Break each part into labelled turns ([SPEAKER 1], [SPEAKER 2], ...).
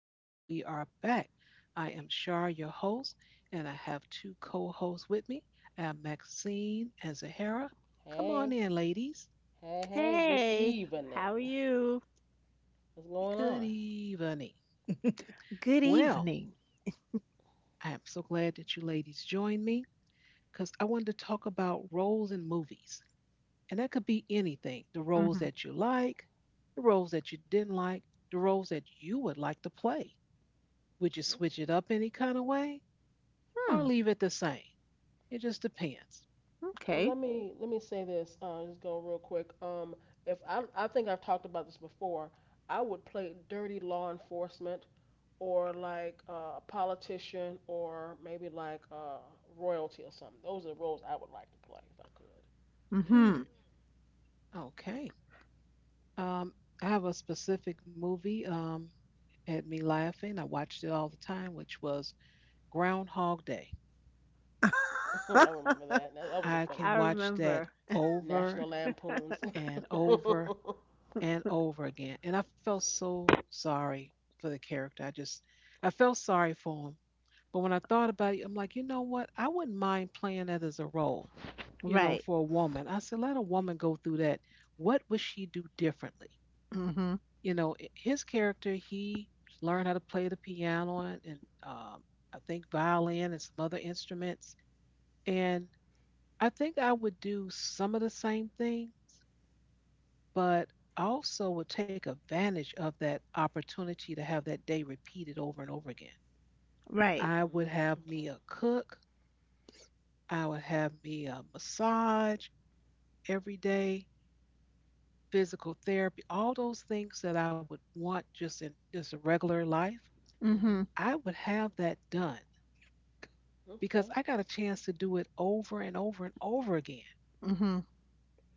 [SPEAKER 1] land. We are back. I am Shar, your host, and I have two co hosts with me. I have Maxine and Zahara. Come on in,
[SPEAKER 2] Hey,
[SPEAKER 1] ladies.
[SPEAKER 2] hey, hey, good
[SPEAKER 3] Hey, how are
[SPEAKER 2] evening.
[SPEAKER 3] you?
[SPEAKER 2] What's going
[SPEAKER 1] Good
[SPEAKER 2] on?
[SPEAKER 1] evening.
[SPEAKER 3] Good
[SPEAKER 1] Well,
[SPEAKER 3] evening.
[SPEAKER 1] I am so glad that you ladies joined me because I wanted to talk about roles in movies. And that could be anything the roles
[SPEAKER 3] Mm-hmm.
[SPEAKER 1] that you like, the roles that you didn't like, the roles that you would like to play. Would you
[SPEAKER 2] Okay.
[SPEAKER 1] switch it up any kind of way or
[SPEAKER 3] Hmm.
[SPEAKER 1] leave it the same? It just depends.
[SPEAKER 3] Okay.
[SPEAKER 2] Well, let me say this. Just go real quick. If I think I've talked about this before, I would play dirty law enforcement, or like a politician, or maybe like royalty or something. Those are the roles I would like to play if I
[SPEAKER 1] Hmm.
[SPEAKER 3] Mm-hmm.
[SPEAKER 1] Okay. Um, I have a specific movie had me laughing. I watched it all the time, which was Groundhog Day.
[SPEAKER 2] could. I remember that. That
[SPEAKER 1] I
[SPEAKER 2] was a
[SPEAKER 3] I
[SPEAKER 1] can
[SPEAKER 2] funny
[SPEAKER 1] watch
[SPEAKER 2] movie.
[SPEAKER 1] that
[SPEAKER 3] remember.
[SPEAKER 1] over
[SPEAKER 2] National Lampoons.
[SPEAKER 1] and over and over again, and I felt so sorry for the character. I felt sorry for him. But when I thought about it, I'm like, you know what? I wouldn't mind playing that as a role,
[SPEAKER 3] Right.
[SPEAKER 1] for a woman. I said, let a woman go through that. What would she do differently?
[SPEAKER 3] Mm-hmm.
[SPEAKER 1] His character, he learned how to play the piano and I think violin and some other instruments. And I think I would do some of the same thing, but I also would take advantage of that opportunity to have that day repeated over and over again.
[SPEAKER 3] Right.
[SPEAKER 1] I would have me a
[SPEAKER 2] Okay.
[SPEAKER 1] cook. I would have me a massage every day, physical therapy, all those things that I would want just in just a regular life.
[SPEAKER 3] Mm-hmm.
[SPEAKER 2] Mhm.
[SPEAKER 1] I would have that done because I
[SPEAKER 2] Okay.
[SPEAKER 1] got a chance to do it over and over and over again.
[SPEAKER 3] Mm-hmm.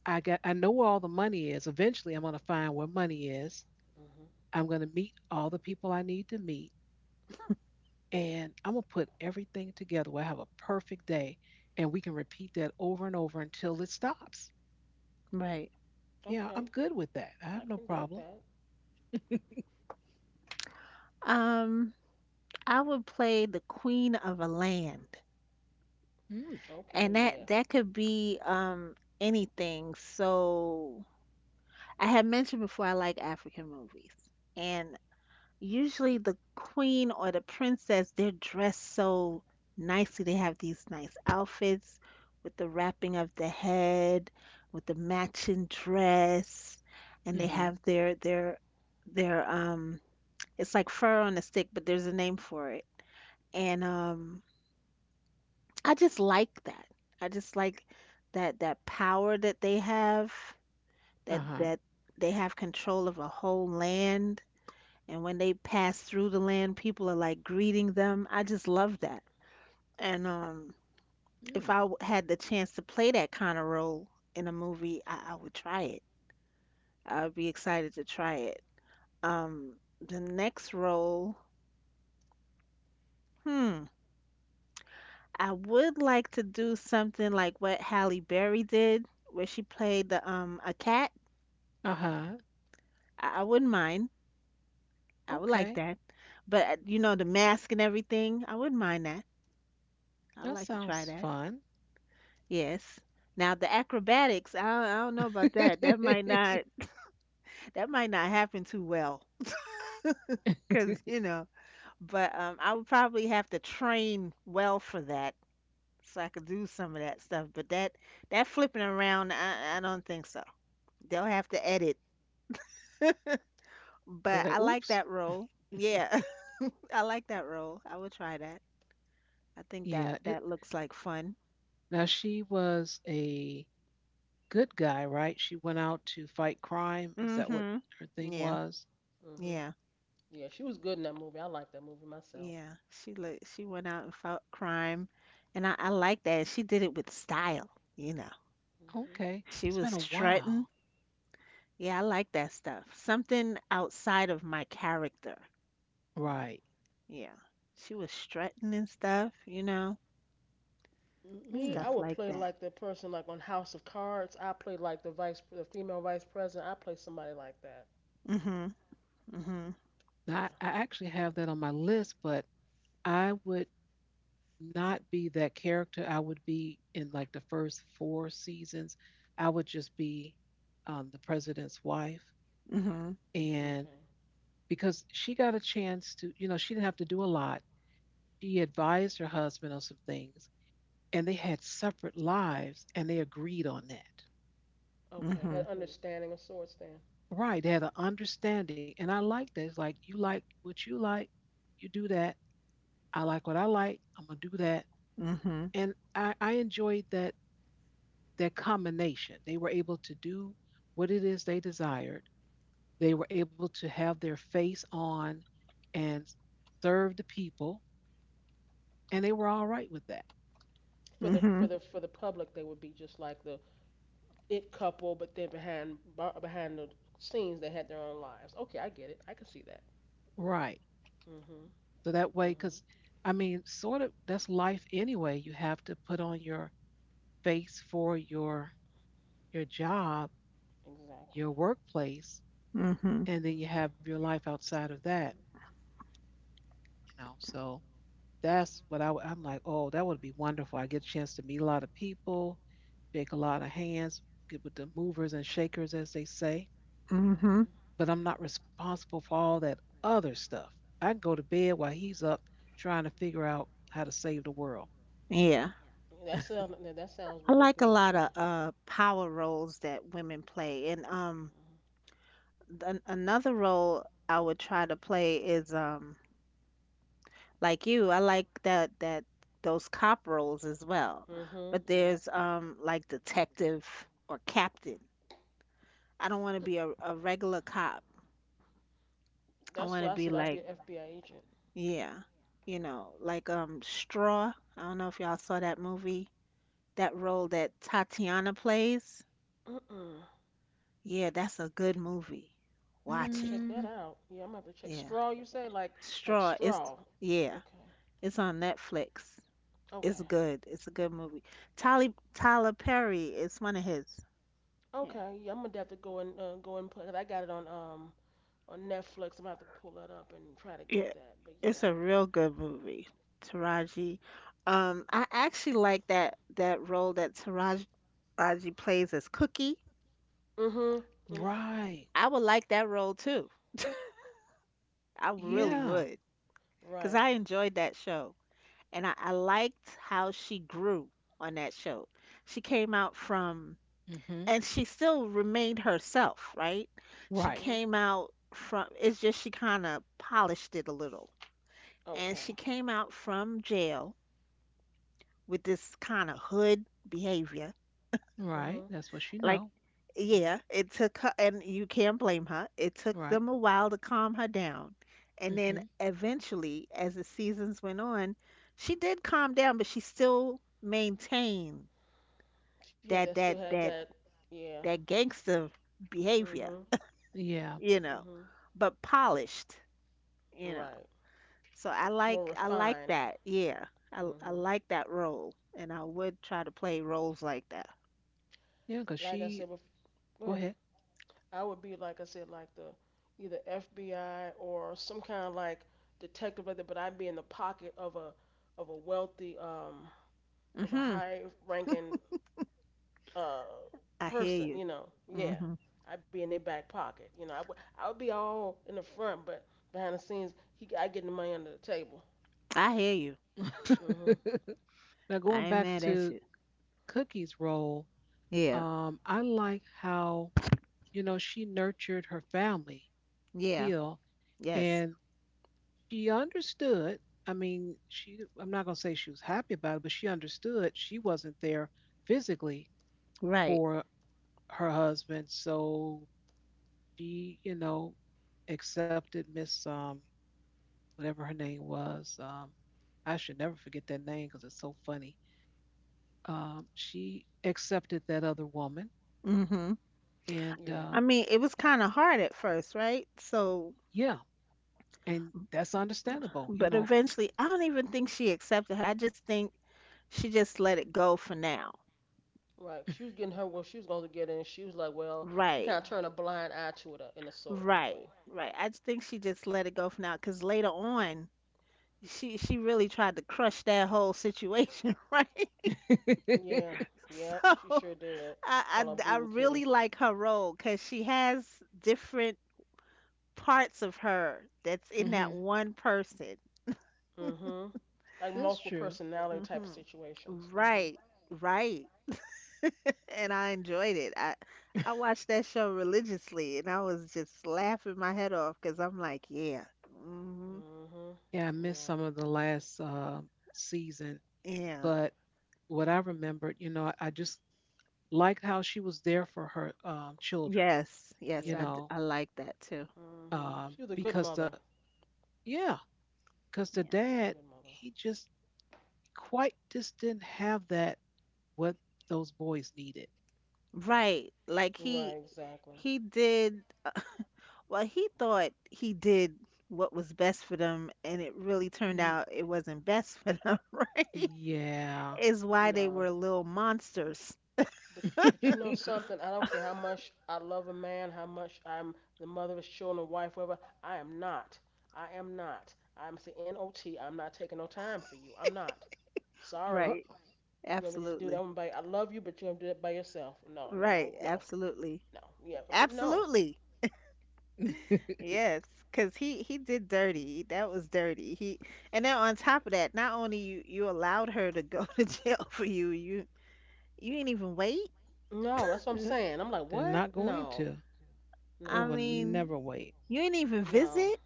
[SPEAKER 1] I know where all the money is. Eventually I'm gonna find where money is.
[SPEAKER 2] Mhm.
[SPEAKER 1] I'm gonna meet all the people I need to meet and I'm gonna put everything together where I have a perfect day and we can repeat that over and over until it stops.
[SPEAKER 3] Right.
[SPEAKER 1] Yeah, I'm
[SPEAKER 2] Okay.
[SPEAKER 1] good with that. I have no
[SPEAKER 2] I can dig
[SPEAKER 1] problem.
[SPEAKER 2] that.
[SPEAKER 3] Um, I would play the Queen of a Land, and
[SPEAKER 2] Okay,
[SPEAKER 3] that
[SPEAKER 2] yeah.
[SPEAKER 3] that could be anything. So I had mentioned before I like African movies, and usually the queen or the princess, they're dressed so nicely. They have these nice outfits with the wrapping of the head, with the matching dress, and they
[SPEAKER 1] Mhm.
[SPEAKER 3] have their it's like fur on a stick, but there's a name for it. And I just like that. I just like that power that they have, that
[SPEAKER 1] Uh-huh.
[SPEAKER 3] that they have control of a whole land, and when they pass through the land, people are like greeting them. I just love that. And if
[SPEAKER 1] Mm.
[SPEAKER 3] I w- had the chance to play that kind of role in a movie, I would try it. I would be excited to try it. Um, the next role, hmm, I would like to do something like what Halle Berry did, where she played the a cat.
[SPEAKER 1] Uh-huh.
[SPEAKER 3] I wouldn't mind. I would
[SPEAKER 1] Okay.
[SPEAKER 3] like that. But You know, the mask and everything, I wouldn't mind that. I would
[SPEAKER 1] That
[SPEAKER 3] like to try
[SPEAKER 1] sounds
[SPEAKER 3] that.
[SPEAKER 1] fun.
[SPEAKER 3] Yes. Now the acrobatics, I don't know about that. That might not happen too well. Cause you know, but I would probably have to train well for that, so I could do some of that stuff. But that flipping around, I don't think so. They'll have to edit. But
[SPEAKER 1] So,
[SPEAKER 3] I like
[SPEAKER 1] oops.
[SPEAKER 3] that role. Yeah, I like that role. I would try that. I think that
[SPEAKER 1] Yeah.
[SPEAKER 3] looks like fun.
[SPEAKER 1] Now she was a good guy, right? She went out to fight crime. Is that what
[SPEAKER 3] Mm-hmm.
[SPEAKER 1] her thing
[SPEAKER 3] Yeah,
[SPEAKER 1] was?
[SPEAKER 2] Mhm.
[SPEAKER 3] yeah.
[SPEAKER 2] Yeah, she was good in that movie. I like that movie myself.
[SPEAKER 3] Yeah, she went out and fought crime, and I like that. She did it with style, you know.
[SPEAKER 2] Mhm.
[SPEAKER 1] Okay.
[SPEAKER 3] She
[SPEAKER 1] It's
[SPEAKER 3] was
[SPEAKER 1] been a
[SPEAKER 3] strutting.
[SPEAKER 1] while.
[SPEAKER 3] Yeah, I like that stuff. Something outside of my character.
[SPEAKER 1] Right.
[SPEAKER 2] Right.
[SPEAKER 3] Yeah, she was strutting and stuff, you know,
[SPEAKER 1] Hmm.
[SPEAKER 2] Me,
[SPEAKER 3] stuff
[SPEAKER 2] I would
[SPEAKER 3] like
[SPEAKER 2] play
[SPEAKER 3] that.
[SPEAKER 2] like the person like on House of Cards. I play like the female vice president. I play somebody like that.
[SPEAKER 3] Mhm, mhm,
[SPEAKER 1] Now, I
[SPEAKER 2] Yeah.
[SPEAKER 1] actually have that on my list, but I would not be that character. I would be in like the first four seasons. I would just be the president's wife.
[SPEAKER 3] mhm,
[SPEAKER 1] And
[SPEAKER 2] Okay.
[SPEAKER 1] because she got a chance to, she didn't have to do a lot. She advised her husband on some things, and they had separate lives, and they agreed on that.
[SPEAKER 2] Okay.
[SPEAKER 3] mhm,
[SPEAKER 2] Had understanding of sorts then.
[SPEAKER 1] Right. They had an understanding. And I like that. It's like, you like what you like, you do that. I like what I like, I'm going to do that.
[SPEAKER 3] mhm,
[SPEAKER 1] And I enjoyed that combination. They were able to do what it is they desired. They were able to have their face on and serve the people, and they were all right with that.
[SPEAKER 2] For the
[SPEAKER 3] mhm,
[SPEAKER 2] for the for the public, they would be just like the it couple, but then behind the scenes, they had their own lives. Okay, I get it. I can see that.
[SPEAKER 1] Right.
[SPEAKER 2] Mhm.
[SPEAKER 1] So that way, because
[SPEAKER 2] Mhm.
[SPEAKER 1] I mean, sort of that's life anyway. You have to put on your face for your job, your
[SPEAKER 2] Exactly.
[SPEAKER 1] workplace,
[SPEAKER 3] mhm,
[SPEAKER 1] and then you
[SPEAKER 2] Mhm.
[SPEAKER 1] have your life outside of that,
[SPEAKER 2] Mhm.
[SPEAKER 1] you know. So that's what I am like, oh, that would be wonderful. I get a chance to meet a lot of people, shake a lot of hands, get with the movers and shakers, as they say.
[SPEAKER 3] mhm.
[SPEAKER 2] Mhm.
[SPEAKER 1] But I'm not responsible for all that other stuff. I can go to bed while he's up trying to figure out how to save the world.
[SPEAKER 3] Yeah,
[SPEAKER 2] That sounds
[SPEAKER 3] I
[SPEAKER 2] really
[SPEAKER 3] like a
[SPEAKER 2] good
[SPEAKER 3] lot of
[SPEAKER 2] too.
[SPEAKER 3] power roles that women play, and another role I would try to play is like you. I like that those cop roles as well.
[SPEAKER 2] Mhm. Mhm.
[SPEAKER 3] But
[SPEAKER 2] Yep.
[SPEAKER 3] there's like detective or captain. I don't want to be a regular cop. I
[SPEAKER 2] That's
[SPEAKER 3] want to
[SPEAKER 2] what I
[SPEAKER 3] be
[SPEAKER 2] said. I'd
[SPEAKER 3] like,
[SPEAKER 2] be an FBI agent.
[SPEAKER 3] yeah, you know, like Straw. I don't know if y'all saw that movie. That role that Tatiana plays.
[SPEAKER 2] Mm-mm.
[SPEAKER 3] Yeah, that's a good movie.
[SPEAKER 2] I'm gonna have
[SPEAKER 3] Watch
[SPEAKER 2] to
[SPEAKER 3] it.
[SPEAKER 2] check
[SPEAKER 1] Mm,
[SPEAKER 2] that out. Yeah, I'm gonna have to check
[SPEAKER 3] Yeah.
[SPEAKER 2] straw. You say like
[SPEAKER 3] Straw is,
[SPEAKER 2] straw.
[SPEAKER 3] yeah,
[SPEAKER 2] Okay.
[SPEAKER 3] it's on Netflix. It's
[SPEAKER 2] Okay.
[SPEAKER 3] good. It's a good movie. Tyler Perry is one of his. Yeah.
[SPEAKER 2] Okay. Yeah, I'm gonna have to go and go and put. Cause I got it on Netflix. I'm gonna have to pull that up and try to get
[SPEAKER 3] Yeah.
[SPEAKER 2] that. But
[SPEAKER 3] It's a
[SPEAKER 2] yeah.
[SPEAKER 3] real good movie. Taraji. I actually like that role that Taraji plays as Cookie.
[SPEAKER 2] Mhm. And
[SPEAKER 1] right.
[SPEAKER 3] I would like that role too. I
[SPEAKER 2] yeah.
[SPEAKER 3] really
[SPEAKER 1] Yeah.
[SPEAKER 3] would. Because
[SPEAKER 2] Right.
[SPEAKER 3] I enjoyed that show. And I liked how she grew on that show. She came out from,
[SPEAKER 1] Hmm.
[SPEAKER 3] and she still remained herself, right? She
[SPEAKER 1] Right.
[SPEAKER 2] Mhm.
[SPEAKER 3] came out from, it's just she kind of polished it a little. And she
[SPEAKER 2] Okay.
[SPEAKER 3] came out from jail with this kind of hood behavior.
[SPEAKER 1] Right.
[SPEAKER 2] Mhm.
[SPEAKER 1] That's what she
[SPEAKER 3] Like,
[SPEAKER 1] know. Hmm.
[SPEAKER 3] yeah, it took her, and you can't blame her. It took
[SPEAKER 1] Right.
[SPEAKER 3] them a while to calm her down. And
[SPEAKER 1] Hmm.
[SPEAKER 3] then eventually, as the seasons went on, she did calm down, but she still maintained
[SPEAKER 2] Yeah,
[SPEAKER 3] that
[SPEAKER 2] that still
[SPEAKER 3] that
[SPEAKER 2] had
[SPEAKER 3] that
[SPEAKER 2] that. Yeah.
[SPEAKER 3] that gangster behavior,
[SPEAKER 2] Mhm.
[SPEAKER 1] Yeah.
[SPEAKER 3] you know,
[SPEAKER 2] Mhm.
[SPEAKER 3] but polished, you know.
[SPEAKER 2] Right.
[SPEAKER 3] So
[SPEAKER 2] More
[SPEAKER 3] I like
[SPEAKER 2] refined.
[SPEAKER 3] that. Yeah. I
[SPEAKER 2] Mhm.
[SPEAKER 3] like that role and I would try to play roles like that.
[SPEAKER 1] Yeah, because
[SPEAKER 2] Like I
[SPEAKER 1] she
[SPEAKER 2] said
[SPEAKER 1] go
[SPEAKER 2] before,
[SPEAKER 1] ahead.
[SPEAKER 2] I would be like I said, like the either FBI or some kind of like detective like that, but I'd be in the pocket of a wealthy of a
[SPEAKER 3] Mhm.
[SPEAKER 2] high ranking uh
[SPEAKER 3] I hear
[SPEAKER 2] person.
[SPEAKER 3] you.
[SPEAKER 2] You know. Yeah.
[SPEAKER 3] Mhm.
[SPEAKER 2] I'd be in their back pocket. You know. I would be all in the front, but behind the scenes, he I getting the money under the table.
[SPEAKER 3] I hear you.
[SPEAKER 2] Mhm.
[SPEAKER 1] Now going
[SPEAKER 3] I ain't
[SPEAKER 1] back
[SPEAKER 3] mad at
[SPEAKER 1] to
[SPEAKER 3] you.
[SPEAKER 1] Cookie's role,
[SPEAKER 3] Yeah.
[SPEAKER 1] I like how she nurtured her family
[SPEAKER 3] Yeah.
[SPEAKER 1] still and
[SPEAKER 3] Yes.
[SPEAKER 1] she understood. I mean, she I'm not gonna say she was happy about it, but she understood she wasn't there physically
[SPEAKER 3] Right.
[SPEAKER 1] for her husband. So she accepted Miss whatever her name was. I should never forget that name because it's so funny. She accepted that other woman,
[SPEAKER 3] Mhm.
[SPEAKER 1] and
[SPEAKER 2] Yeah.
[SPEAKER 3] I mean, it was kind of hard at first, right? So,
[SPEAKER 1] yeah, and that's understandable, you
[SPEAKER 3] but
[SPEAKER 1] know.
[SPEAKER 3] eventually, I don't even think she accepted her. I just think she just let it go for now.
[SPEAKER 2] Right. She was getting her what she was going to get, and she was like, well, she kind
[SPEAKER 3] Right.
[SPEAKER 2] of turned a blind eye to it, in a sort of way.
[SPEAKER 3] Right, right. I just think she just let it go for now because later on, she really tried to crush that whole situation, right?
[SPEAKER 2] Yeah.
[SPEAKER 3] So
[SPEAKER 2] Yep. She sure did. Call her
[SPEAKER 3] I
[SPEAKER 2] Boo Boo Kitty.
[SPEAKER 3] really like her role because she has different parts of her that's in
[SPEAKER 1] Hmm.
[SPEAKER 3] that one person.
[SPEAKER 2] Mm-hmm. Like
[SPEAKER 1] That's
[SPEAKER 2] multiple
[SPEAKER 1] true.
[SPEAKER 2] personality
[SPEAKER 3] Hmm.
[SPEAKER 2] type situations. Mm-hmm.
[SPEAKER 3] Right, right. And I enjoyed it. I watched that show religiously, and I was just laughing my head off because I'm like, yeah, hmm,
[SPEAKER 2] Mm-hmm.
[SPEAKER 1] Yeah, I missed
[SPEAKER 2] Yeah.
[SPEAKER 1] some of the last season,
[SPEAKER 3] yeah.
[SPEAKER 1] but what I remembered, I just liked how she was there for her children,
[SPEAKER 3] Yes, yes,
[SPEAKER 1] you
[SPEAKER 2] Yeah.
[SPEAKER 1] know,
[SPEAKER 3] I like that too.
[SPEAKER 2] Mm-hmm. She was a good
[SPEAKER 1] because the
[SPEAKER 2] mother.
[SPEAKER 1] Yeah, because the
[SPEAKER 3] Yeah.
[SPEAKER 2] She was
[SPEAKER 1] dad,
[SPEAKER 2] a good mother.
[SPEAKER 1] he just didn't have that what those boys needed.
[SPEAKER 3] Right.
[SPEAKER 2] Right. Exactly.
[SPEAKER 3] He did, well, he thought he did what was best for them, and it really turned
[SPEAKER 1] Y-
[SPEAKER 3] out it wasn't best for them, right?
[SPEAKER 1] yeah.
[SPEAKER 3] Is why they were
[SPEAKER 2] No.
[SPEAKER 3] little monsters.
[SPEAKER 2] But but you know something? I don't care how much I love a man, how much I'm the mother of his children, wife, whatever. I am not. I am not. I'm the NOT. I'm not taking no time for you. I'm not. Sorry.
[SPEAKER 1] Oh,
[SPEAKER 3] Right.
[SPEAKER 2] You want to just do
[SPEAKER 3] Absolutely.
[SPEAKER 2] that one by? I love you, but you want to do that by yourself? No, no,
[SPEAKER 3] Right,
[SPEAKER 2] no, no,
[SPEAKER 3] absolutely.
[SPEAKER 2] no. Yeah, but no,
[SPEAKER 3] Absolutely. Yes, 'cause he did dirty. That was dirty. He, and then on top of that, not only you allowed her to go to jail for you, you didn't even wait.
[SPEAKER 2] no. That's what I'm saying. I'm like,
[SPEAKER 1] they're
[SPEAKER 2] what?
[SPEAKER 1] not going
[SPEAKER 2] No,
[SPEAKER 1] to. They
[SPEAKER 3] I
[SPEAKER 1] will
[SPEAKER 2] no,
[SPEAKER 3] mean,
[SPEAKER 1] never wait.
[SPEAKER 3] you ain't even
[SPEAKER 2] no,
[SPEAKER 3] visit.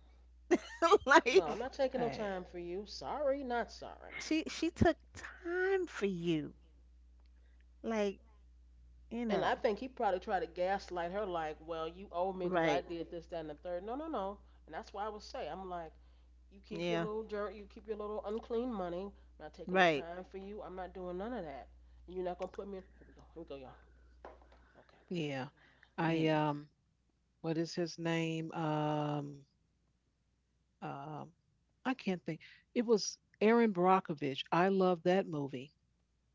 [SPEAKER 2] no.
[SPEAKER 3] Like,
[SPEAKER 1] Oh,
[SPEAKER 2] I'm not taking no
[SPEAKER 1] I,
[SPEAKER 2] time for you. Sorry, not sorry.
[SPEAKER 3] she took time for you. Like, you
[SPEAKER 2] And I
[SPEAKER 3] know.
[SPEAKER 2] think he probably tried to gaslight her, like, well, you owe me because
[SPEAKER 3] Right.
[SPEAKER 2] I did this, that, and the third. No, no, no. And that's why I would say, I'm like, you keep your
[SPEAKER 3] Yeah.
[SPEAKER 2] little dirt, you keep your little unclean money. I'm not taking no
[SPEAKER 3] Right.
[SPEAKER 2] time for you. I'm not doing none of that. And you're not going to put me in. Here we go. Here we go, y'all. Okay,
[SPEAKER 1] yeah. I
[SPEAKER 3] Yeah.
[SPEAKER 1] What is his name? Um I can't think. It was Erin Brockovich. I loved that movie.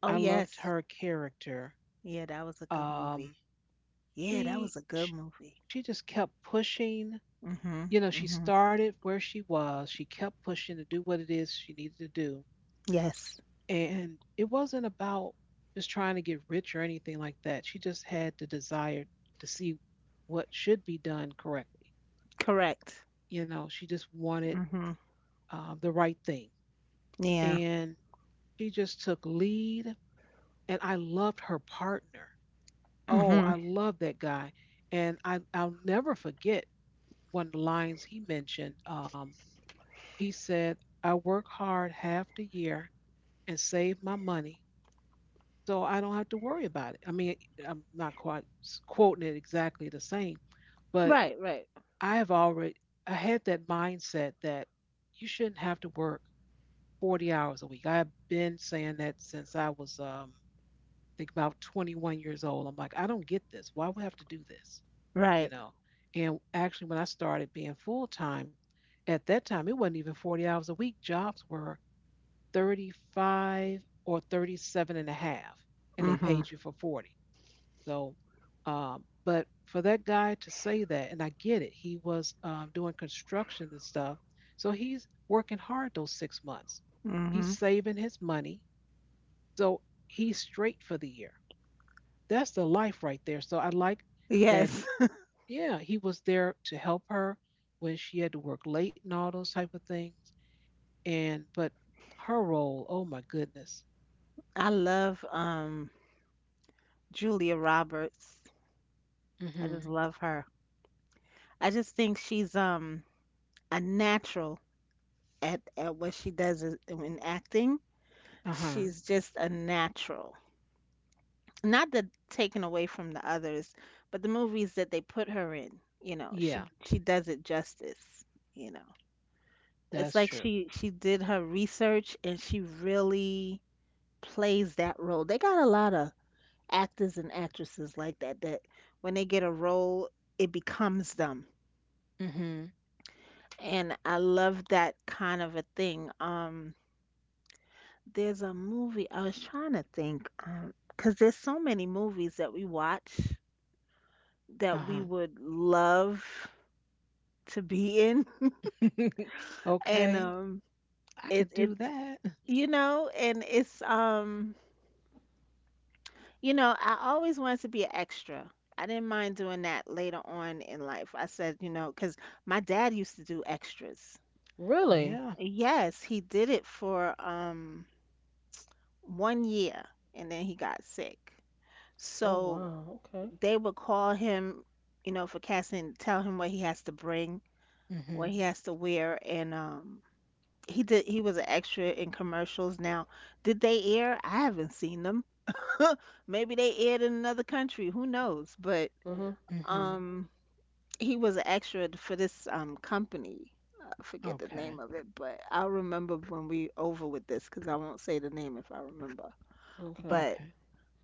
[SPEAKER 3] Oh
[SPEAKER 1] I loved
[SPEAKER 3] yes.
[SPEAKER 1] her character.
[SPEAKER 3] Yeah, that was a good movie.
[SPEAKER 1] Um
[SPEAKER 3] Yeah, that
[SPEAKER 1] she
[SPEAKER 3] was a good
[SPEAKER 1] she,
[SPEAKER 3] movie.
[SPEAKER 1] she just kept pushing.
[SPEAKER 3] Mhm.
[SPEAKER 1] She
[SPEAKER 3] Mhm.
[SPEAKER 1] started where she was. She kept pushing to do what it is she needed to do.
[SPEAKER 3] Yes.
[SPEAKER 1] And it wasn't about just trying to get rich or anything like that. She just had the desire to see what should be done correctly.
[SPEAKER 3] Correct.
[SPEAKER 1] She just wanted
[SPEAKER 3] Mhm.
[SPEAKER 1] the right thing.
[SPEAKER 3] Yeah.
[SPEAKER 1] And she just took lead. And I loved her partner. Oh,
[SPEAKER 3] Mhm.
[SPEAKER 1] I love that guy. And I'll never forget one of the lines he mentioned. He said, I work hard half the year and save my money so I don't have to worry about it. I mean, I'm not quite quoting it exactly the same, but
[SPEAKER 3] Right, right.
[SPEAKER 1] I have already I had that mindset that you shouldn't have to work 40 hours a week. I've been saying that since I was I think about 21 years old. I'm like, I don't get this. Why would I have to do this? You
[SPEAKER 3] Right.
[SPEAKER 1] know. And actually when I started being full time, at that time it wasn't even 40 hours a week. Jobs were 35 or 37 and a half and they
[SPEAKER 3] Mhm.
[SPEAKER 1] paid you for 40. So, but for that guy to say that, and I get it, he was doing construction and stuff. So he's working hard those 6 months. He's
[SPEAKER 3] Mhm.
[SPEAKER 1] saving his money. So he's straight for the year. That's the life right there. So I like that
[SPEAKER 3] Yes.
[SPEAKER 1] he, yeah, he was there to help her when she had to work late and all those type of things. But her role, oh my goodness.
[SPEAKER 3] I love Julia Roberts. I just
[SPEAKER 1] Mm-hmm.
[SPEAKER 3] love her. I just think she's a natural at what she in acting.
[SPEAKER 1] Uh-huh.
[SPEAKER 3] She's just a natural. Not that taken away from the others, but the movies that they put her in, you know,
[SPEAKER 1] Yeah,
[SPEAKER 3] she does it justice, you know. It's
[SPEAKER 1] that's
[SPEAKER 3] like
[SPEAKER 1] true.
[SPEAKER 3] she did her research and she really plays that role. They got a lot of actors and actresses like that that when they get a role, it becomes them.
[SPEAKER 1] Mm-hmm.
[SPEAKER 3] And I love that kind of a thing. There's a movie I was trying to think, 'cause there's so many movies that we watch that
[SPEAKER 1] Uh
[SPEAKER 3] we
[SPEAKER 1] huh.
[SPEAKER 3] would love to be in, and
[SPEAKER 1] Okay, I
[SPEAKER 3] it
[SPEAKER 1] could do
[SPEAKER 3] it's
[SPEAKER 1] that.
[SPEAKER 3] you know, and it's you know, I always wanted to be an extra. I didn't mind doing that later on in life. I said, you know, 'cause my dad used to do extras.
[SPEAKER 2] break. Really?
[SPEAKER 1] Yeah.
[SPEAKER 3] Yes, he did it for one year, and then he got sick.
[SPEAKER 2] Oh,
[SPEAKER 3] So
[SPEAKER 2] wow. Okay.
[SPEAKER 3] they would call him, you know, for casting, tell him what he has to bring, what
[SPEAKER 1] Mhm.
[SPEAKER 3] he has to wear, and he was an extra in commercials. Now, did they air? I haven't seen them. Maybe they aired in another country, who knows? But
[SPEAKER 2] Mm hmm.
[SPEAKER 1] Mhm.
[SPEAKER 3] um he was an extra for this company. I forget the name
[SPEAKER 1] Okay.
[SPEAKER 3] of it, but I'll remember when we over with this because I won't say the name if I remember.
[SPEAKER 2] Okay.
[SPEAKER 3] But
[SPEAKER 1] Okay.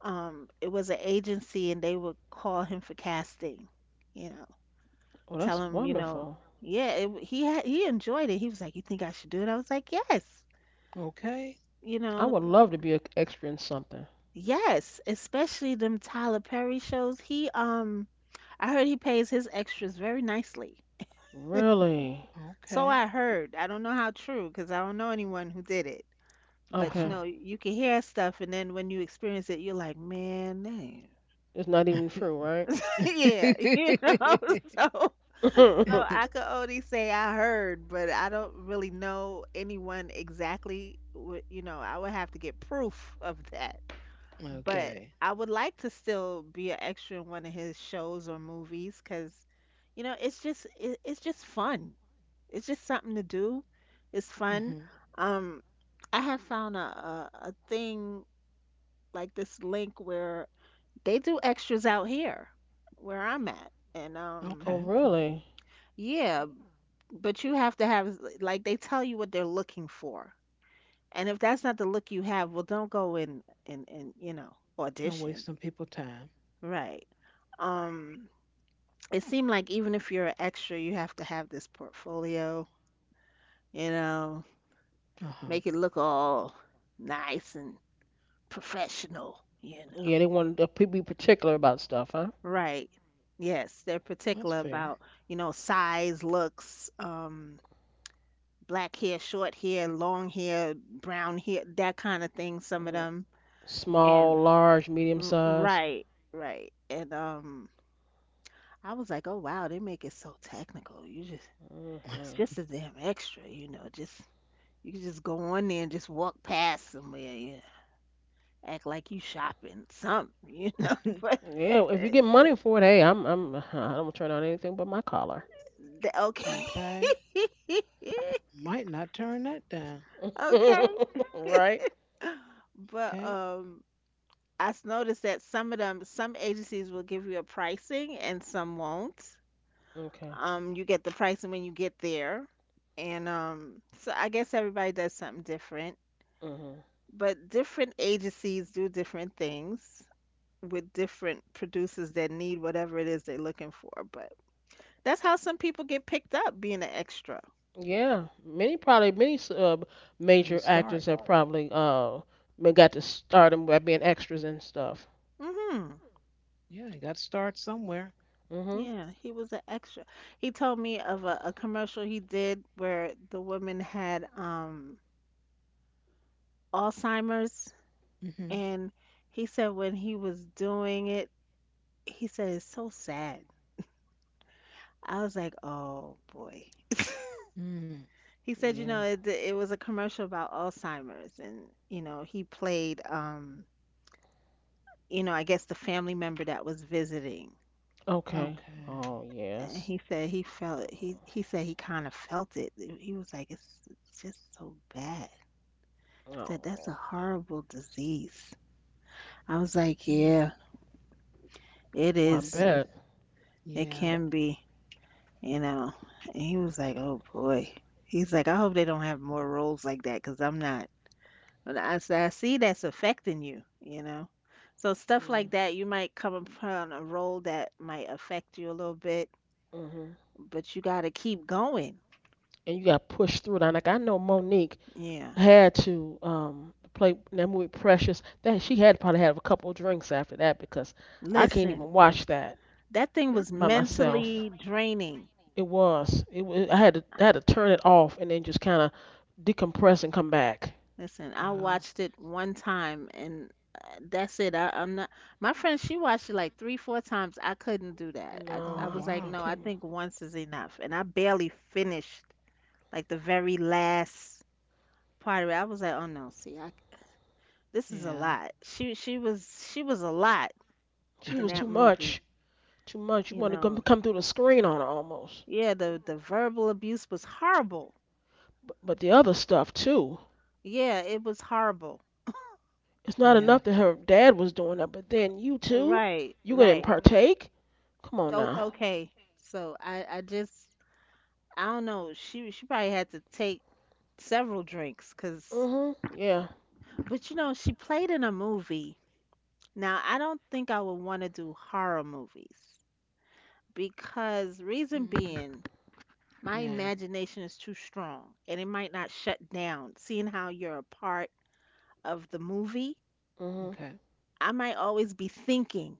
[SPEAKER 3] um it was an agency and they would call him for casting. You know,
[SPEAKER 2] Oh,
[SPEAKER 3] tell
[SPEAKER 2] that's
[SPEAKER 3] him, you know,
[SPEAKER 2] wonderful.
[SPEAKER 3] yeah, he had, he enjoyed it. He was like, "You think I should do it?" I was like, "Yes."
[SPEAKER 1] Okay.
[SPEAKER 3] You
[SPEAKER 2] I
[SPEAKER 3] know,
[SPEAKER 2] would love to be an extra in something.
[SPEAKER 3] yes, especially them Tyler Perry shows. He, I heard he pays his extras very nicely.
[SPEAKER 2] Really?
[SPEAKER 3] So
[SPEAKER 1] Okay.
[SPEAKER 3] I heard. I don't know how true because I don't know anyone who did it.
[SPEAKER 1] Uh
[SPEAKER 3] But you
[SPEAKER 1] huh.
[SPEAKER 2] Okay.
[SPEAKER 3] know, you can hear stuff and then when you experience it, you're like, "Man, damn."
[SPEAKER 2] It's not even true, right?
[SPEAKER 3] Yeah, you know. So, so
[SPEAKER 2] Oh,
[SPEAKER 3] I could only say I heard, but I don't really know anyone exactly. You know, I would have to get proof of that. But
[SPEAKER 1] Okay.
[SPEAKER 3] I would like to still be an extra in one of his shows or movies because, you know, it's just fun. It's just something to do. It's
[SPEAKER 1] Mhm.
[SPEAKER 3] fun. Um, I have found a thing like this link where they do extras out here, where I'm at, and.
[SPEAKER 1] Okay.
[SPEAKER 2] really?
[SPEAKER 3] Yeah, but you have to have, like they tell you what they're looking for. And if that's not the look you have, well don't go in and you know,
[SPEAKER 1] Don't waste
[SPEAKER 3] audition.
[SPEAKER 1] some people time.
[SPEAKER 3] Right. Um it seemed like even if you're an extra, you have to have this portfolio, you know,
[SPEAKER 1] Uh huh.
[SPEAKER 3] make it look all nice and professional, you know.
[SPEAKER 2] Yeah, they want to be particular about stuff, huh?
[SPEAKER 3] Right. Yes, they're
[SPEAKER 1] That's
[SPEAKER 3] particular
[SPEAKER 1] fair.
[SPEAKER 3] about, you know, size, looks, black hair, short hair, long hair, brown hair, that kind of thing, some of
[SPEAKER 2] Mm.
[SPEAKER 3] them. And,
[SPEAKER 2] Small, large, medium size.
[SPEAKER 3] right, right. And I was like, "Oh wow, they make it so technical. You just it's
[SPEAKER 2] Hmm.
[SPEAKER 3] just a damn extra, you know, just you can just go on there and just walk past somewhere, you know, act like you shopping something, you know." But,
[SPEAKER 2] Yeah, if you
[SPEAKER 3] eh,
[SPEAKER 2] get money for it, hey, I'm I don't turn on anything but my collar.
[SPEAKER 3] okay.
[SPEAKER 1] Okay. Might not turn that down.
[SPEAKER 3] Okay.
[SPEAKER 2] Right?
[SPEAKER 3] But
[SPEAKER 1] Okay.
[SPEAKER 3] um noticed that some of them some agencies will give you a pricing and some won't.
[SPEAKER 2] Okay.
[SPEAKER 3] You get the pricing when you get there. And so I guess everybody does something different,
[SPEAKER 2] Hmm.
[SPEAKER 3] but different agencies do different things with different producers that need whatever it is they're looking for. But that's how some people get picked up being an extra.
[SPEAKER 2] Yeah, many probably many
[SPEAKER 1] How you
[SPEAKER 2] major
[SPEAKER 1] start?
[SPEAKER 2] actors have probably got to start them by being extras and stuff.
[SPEAKER 3] Hmm.
[SPEAKER 1] Yeah, you got to start somewhere.
[SPEAKER 2] Hmm.
[SPEAKER 3] Yeah, he was an extra. He told me of a commercial he did where the woman had Alzheimer's,
[SPEAKER 1] Mhm.
[SPEAKER 3] and he said when he was doing it, he said it's so sad. I was like, "Oh boy."
[SPEAKER 1] Mm.
[SPEAKER 3] He said, "You know,
[SPEAKER 2] Yeah.
[SPEAKER 3] it was a commercial about Alzheimer's, and you know, he played, you know, I guess the family member that was visiting."
[SPEAKER 2] Okay.
[SPEAKER 1] Okay.
[SPEAKER 2] Oh
[SPEAKER 3] And
[SPEAKER 2] yes.
[SPEAKER 3] he said he felt he said he kind of felt it. He was like, ""It's just so bad." He said, "That's
[SPEAKER 2] Oh,
[SPEAKER 3] a horrible disease." I was like,
[SPEAKER 1] Mm.
[SPEAKER 3] "Yeah, it
[SPEAKER 2] well, I
[SPEAKER 3] is.
[SPEAKER 2] bet.
[SPEAKER 3] It
[SPEAKER 1] Yeah.
[SPEAKER 3] can be, you know." And he was like, "Oh boy." He's like, "I hope they don't have more roles like that because 'cause I'm not." But I see that's affecting you, you know. So stuff
[SPEAKER 2] Yeah.
[SPEAKER 3] like that, you might come upon a role that might affect you a little bit,
[SPEAKER 2] Hmm.
[SPEAKER 3] but you got to keep going.
[SPEAKER 2] And you got pushed through it. And like I know Monique
[SPEAKER 3] Yeah.
[SPEAKER 2] had to play that movie Precious. That she had to probably have a couple of drinks after that because I can't
[SPEAKER 3] Listen,
[SPEAKER 2] even watch that
[SPEAKER 3] that thing was
[SPEAKER 2] by myself.
[SPEAKER 3] mentally draining.
[SPEAKER 2] It was. I had to turn it off and then just kind of decompress and come back.
[SPEAKER 3] Listen, I
[SPEAKER 1] Wow.
[SPEAKER 3] watched it one time and that's it. I'm not. My friend, she watched it like three, four times. I couldn't do that. I,
[SPEAKER 1] Oh
[SPEAKER 3] I
[SPEAKER 2] No, I,
[SPEAKER 3] was like,
[SPEAKER 2] I
[SPEAKER 1] wow.
[SPEAKER 3] no, I
[SPEAKER 2] couldn't.
[SPEAKER 3] think once is enough. And I barely finished like the very last part of it. I was like, oh no, see, I this is a
[SPEAKER 1] Yeah.
[SPEAKER 3] lot. She was a lot
[SPEAKER 2] She
[SPEAKER 3] in
[SPEAKER 2] was
[SPEAKER 3] that
[SPEAKER 2] too
[SPEAKER 3] movie.
[SPEAKER 2] much. Too much. You
[SPEAKER 3] You
[SPEAKER 2] want to come
[SPEAKER 3] know,
[SPEAKER 2] come through the screen on her almost.
[SPEAKER 3] yeah, the verbal abuse was horrible.
[SPEAKER 2] But the other stuff too.
[SPEAKER 3] Yeah, it was horrible.
[SPEAKER 2] It's not
[SPEAKER 1] Yeah.
[SPEAKER 2] enough that her dad was doing that, but then you too.
[SPEAKER 3] Right,
[SPEAKER 2] You gonna
[SPEAKER 3] right.
[SPEAKER 2] partake? Come on now.
[SPEAKER 3] Okay. So I just I don't know. She probably had to take several drinks, cause
[SPEAKER 2] Mhm. Yeah.
[SPEAKER 3] but you know she played in a movie. Now I don't think I would want to do horror movies because reason
[SPEAKER 1] Mm,
[SPEAKER 3] being my
[SPEAKER 1] yeah.
[SPEAKER 3] imagination is too strong and it might not shut down. Seeing how you're a part of the movie,
[SPEAKER 2] Mhm.
[SPEAKER 1] Okay.
[SPEAKER 3] I might always be thinking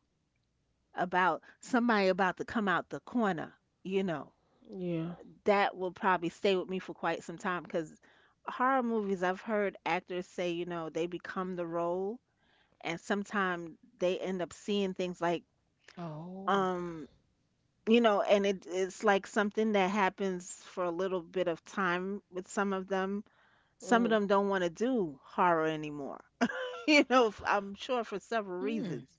[SPEAKER 3] about somebody about to come out the corner. You know,
[SPEAKER 2] Yeah.
[SPEAKER 3] that will probably stay with me for quite some time because horror movies, I've heard actors say, you know, they become the role and sometimes they end up seeing things like,
[SPEAKER 1] Oh.
[SPEAKER 3] um, you know, and it's like something that happens for a little bit of time with some of them. Some of
[SPEAKER 2] Mhm.
[SPEAKER 3] them don't want to do horror anymore. You know, I'm sure for several
[SPEAKER 1] Mm,
[SPEAKER 3] reasons.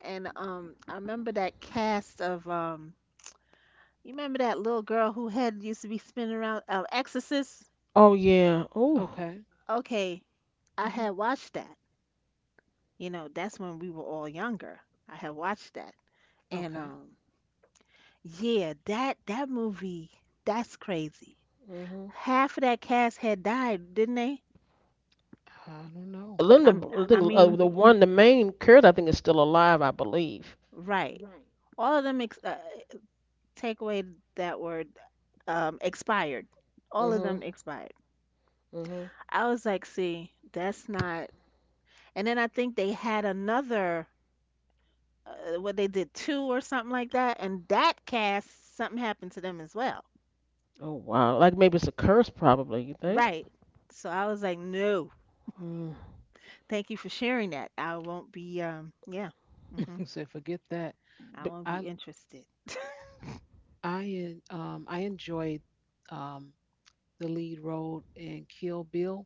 [SPEAKER 3] And I remember that cast of you remember that little girl who had used to be spinning around Exorcist?
[SPEAKER 2] Oh yeah. Ooh.
[SPEAKER 1] okay.
[SPEAKER 3] Okay, I
[SPEAKER 1] Hmm.
[SPEAKER 3] had watched that. You know, that's when we were all younger. I had watched that, and
[SPEAKER 1] Okay.
[SPEAKER 3] yeah, that movie, that's crazy.
[SPEAKER 2] Mhm.
[SPEAKER 3] Half of that cast had died, didn't they?
[SPEAKER 1] I don't know.
[SPEAKER 2] Linda,
[SPEAKER 3] I'm,
[SPEAKER 2] I
[SPEAKER 3] I am I
[SPEAKER 2] think
[SPEAKER 3] mean,
[SPEAKER 2] the one, the main curse, I think is still alive, I believe.
[SPEAKER 3] right, all of them ex- take away that word, expired. All of them
[SPEAKER 2] Mhm.
[SPEAKER 3] expired.
[SPEAKER 2] Mhm.
[SPEAKER 3] I was like, see, that's not. And then I think they had another, what they did two or something like that. And that cast, something happened to them as well.
[SPEAKER 2] Oh wow. Like maybe it's a curse, probably. You think?
[SPEAKER 3] Right. So I was like, no,
[SPEAKER 2] Mm.
[SPEAKER 3] thank you for sharing that. I won't be, yeah. Hmm.
[SPEAKER 1] So forget that.
[SPEAKER 3] I
[SPEAKER 2] But
[SPEAKER 3] won't be
[SPEAKER 1] I
[SPEAKER 3] interested.
[SPEAKER 1] I enjoyed um the lead role in Kill Bill.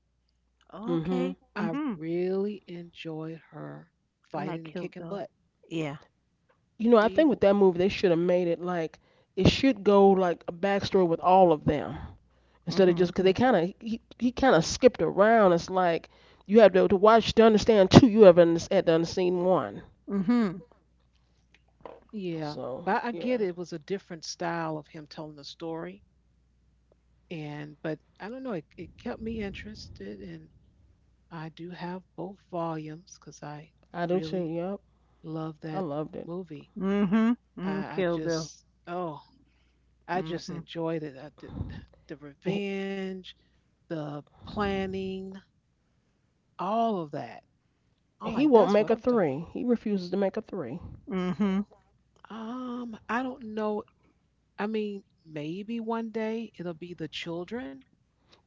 [SPEAKER 2] mhm.
[SPEAKER 3] Okay.
[SPEAKER 1] I
[SPEAKER 3] Hmm.
[SPEAKER 1] really enjoyed her
[SPEAKER 3] I like
[SPEAKER 1] fighting and
[SPEAKER 3] Kill
[SPEAKER 1] kicking
[SPEAKER 3] Bill.
[SPEAKER 1] butt.
[SPEAKER 3] Yeah.
[SPEAKER 2] You know, I
[SPEAKER 1] She
[SPEAKER 2] think with
[SPEAKER 1] w-
[SPEAKER 2] that movie they should have made it like it
[SPEAKER 1] Mm,
[SPEAKER 2] should go like a backstory with all of them instead of
[SPEAKER 3] Hmm.
[SPEAKER 2] just because they kind of he kind of skipped around. It's like you have to watch to understand two, you haven't had to understand one.
[SPEAKER 3] Hmm.
[SPEAKER 1] yeah,
[SPEAKER 2] So
[SPEAKER 1] but I
[SPEAKER 2] yeah,
[SPEAKER 1] get it. It was a different style of him telling the story. And but I don't know, it kept me interested and I do have both volumes because I
[SPEAKER 2] I do too.
[SPEAKER 1] really
[SPEAKER 2] Yep,
[SPEAKER 1] love
[SPEAKER 2] I
[SPEAKER 1] that
[SPEAKER 2] loved it.
[SPEAKER 1] movie.
[SPEAKER 3] Hmm. Hmm.
[SPEAKER 1] I, I
[SPEAKER 3] Kill Bill.
[SPEAKER 1] just oh, I just
[SPEAKER 3] Hmm.
[SPEAKER 1] enjoyed it. I did, the
[SPEAKER 2] He,
[SPEAKER 1] revenge, the planning, all of that. I'm
[SPEAKER 2] he
[SPEAKER 1] like,
[SPEAKER 2] won't
[SPEAKER 1] that's
[SPEAKER 2] make
[SPEAKER 1] what
[SPEAKER 2] a
[SPEAKER 1] I'm talking about.
[SPEAKER 2] three. He refuses to make a three.
[SPEAKER 3] Hmm.
[SPEAKER 1] I don't know. I mean, maybe one day it'll be the children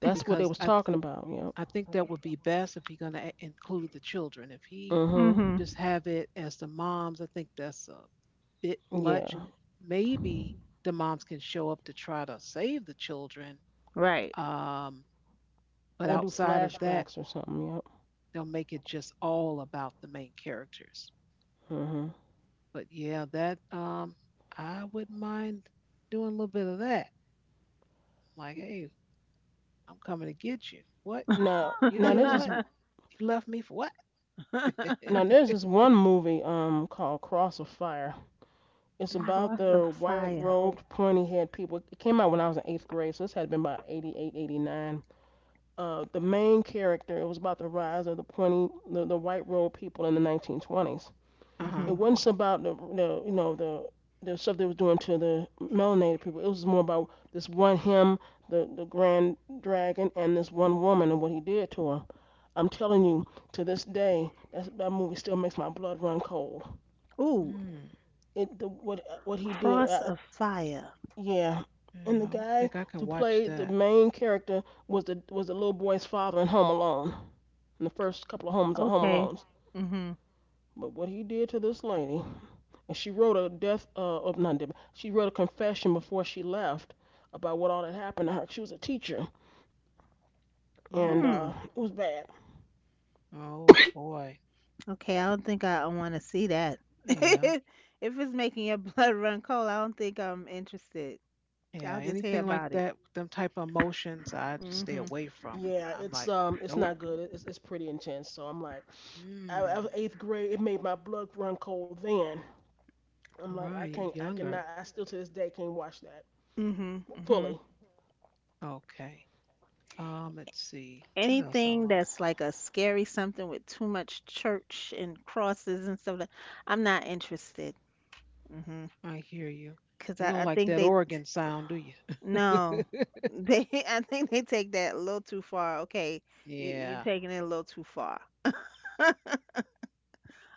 [SPEAKER 2] That's what
[SPEAKER 1] because
[SPEAKER 2] they was
[SPEAKER 1] I
[SPEAKER 2] talking about. Yep.
[SPEAKER 1] I think that would be best if he's going to include the children. If he
[SPEAKER 3] Mhm.
[SPEAKER 2] Mhm.
[SPEAKER 1] just have it as the moms, I think that's a bit much.
[SPEAKER 2] Yeah.
[SPEAKER 1] Maybe the moms can show up to try to save the children,
[SPEAKER 3] Right.
[SPEAKER 1] um, but
[SPEAKER 2] Or do
[SPEAKER 1] outside of that,
[SPEAKER 2] flashbacks or something. Yep.
[SPEAKER 1] they'll make it just all about the main characters.
[SPEAKER 2] Mhm.
[SPEAKER 1] But yeah, that I wouldn't mind doing a little bit of that. Like, hey, I'm coming to get you. What
[SPEAKER 2] Now,
[SPEAKER 1] you
[SPEAKER 2] now
[SPEAKER 1] did?
[SPEAKER 2] there's this
[SPEAKER 1] What you left me for? What?
[SPEAKER 2] one movie called Cross of Fire. It's
[SPEAKER 1] Mhm.
[SPEAKER 2] about
[SPEAKER 3] Cross of
[SPEAKER 2] the white
[SPEAKER 3] fire.
[SPEAKER 2] robed, pointy haired people. It came out when I was in eighth grade, so this had been about 88, 89. The main character, it was about the rise of the white robed people in the 1920s.
[SPEAKER 1] Uh huh.
[SPEAKER 2] It
[SPEAKER 3] Mhm.
[SPEAKER 2] wasn't about the stuff they was doing to the melanated people. It was more about this one him, the grand dragon, and this one woman and what he did to her. I'm telling you, to this day, that movie still makes my blood run cold.
[SPEAKER 3] Ooh,
[SPEAKER 1] Mhm.
[SPEAKER 2] What he did,
[SPEAKER 3] cross of fire.
[SPEAKER 2] yeah. And
[SPEAKER 1] Yeah,
[SPEAKER 2] the
[SPEAKER 1] I don't
[SPEAKER 2] guy
[SPEAKER 1] think I can
[SPEAKER 2] who
[SPEAKER 1] watch
[SPEAKER 2] played the
[SPEAKER 1] that.
[SPEAKER 2] main character was the little boy's father in Home Alone, in the first couple of homes on Home
[SPEAKER 3] Okay.
[SPEAKER 2] Alones.
[SPEAKER 3] Mhm.
[SPEAKER 2] But what he did to this lady, and she wrote a death oh, not death, she wrote a confession before she left about what all that happened to her. She was a teacher
[SPEAKER 1] Mm.
[SPEAKER 2] and
[SPEAKER 3] Hmm.
[SPEAKER 2] it was bad.
[SPEAKER 1] Oh boy.
[SPEAKER 3] Okay, I don't think I want to see that.
[SPEAKER 1] Yeah.
[SPEAKER 3] If it's making your blood run cold, I don't think I'm interested.
[SPEAKER 1] Yeah.
[SPEAKER 3] I'll just hear
[SPEAKER 1] Anything like
[SPEAKER 3] about it.
[SPEAKER 1] that with them type of emotions, I just stay
[SPEAKER 3] Mhm.
[SPEAKER 1] away from.
[SPEAKER 2] Yeah,
[SPEAKER 1] I'm like,
[SPEAKER 2] it's
[SPEAKER 1] nope.
[SPEAKER 2] not good. It's pretty intense. So I'm like I
[SPEAKER 1] Mm.
[SPEAKER 2] was eighth grade, it made my blood run cold then. I'm like,
[SPEAKER 1] Right,
[SPEAKER 2] I
[SPEAKER 1] you're
[SPEAKER 2] can't, I cannot,
[SPEAKER 1] younger.
[SPEAKER 2] I still to this day can't watch that
[SPEAKER 3] Mhm.
[SPEAKER 2] fully.
[SPEAKER 3] Mhm.
[SPEAKER 1] Okay. Let's see. What else I
[SPEAKER 3] Anything
[SPEAKER 1] like?
[SPEAKER 3] that's like a scary something with too much church and crosses and stuff like, I'm not interested. Mhm.
[SPEAKER 1] I hear you.
[SPEAKER 3] Cause
[SPEAKER 1] You don't
[SPEAKER 3] I
[SPEAKER 1] like
[SPEAKER 3] think
[SPEAKER 1] that
[SPEAKER 3] they.
[SPEAKER 1] organ sound, do you?
[SPEAKER 3] No, they. I think they take that a little too far. Okay, you
[SPEAKER 1] Yeah.
[SPEAKER 3] taking it a little too far.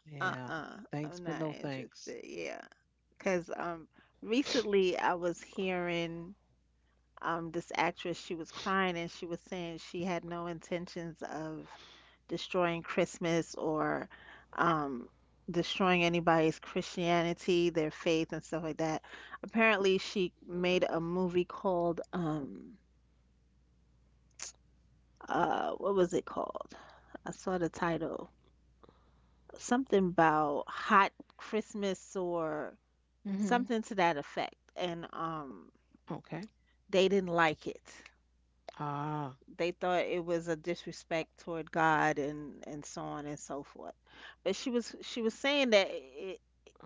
[SPEAKER 1] Yeah.
[SPEAKER 3] Uh-uh,
[SPEAKER 1] Thanks,
[SPEAKER 3] I'm
[SPEAKER 1] but
[SPEAKER 3] not
[SPEAKER 1] no thanks.
[SPEAKER 3] interested. Yeah, because recently I was hearing this actress. She was crying and she was saying she had no intentions of destroying Christmas or um destroying anybody's Christianity, their faith, and stuff like that. Apparently, she made a movie called. Uh, what was it called? I saw the title. Something about hot Christmas or
[SPEAKER 1] Mm-hmm.
[SPEAKER 3] something to that effect. And
[SPEAKER 1] Okay.
[SPEAKER 3] they didn't like it.
[SPEAKER 1] Ah,
[SPEAKER 3] They thought it was a disrespect toward God and so on and so forth. But she was saying that I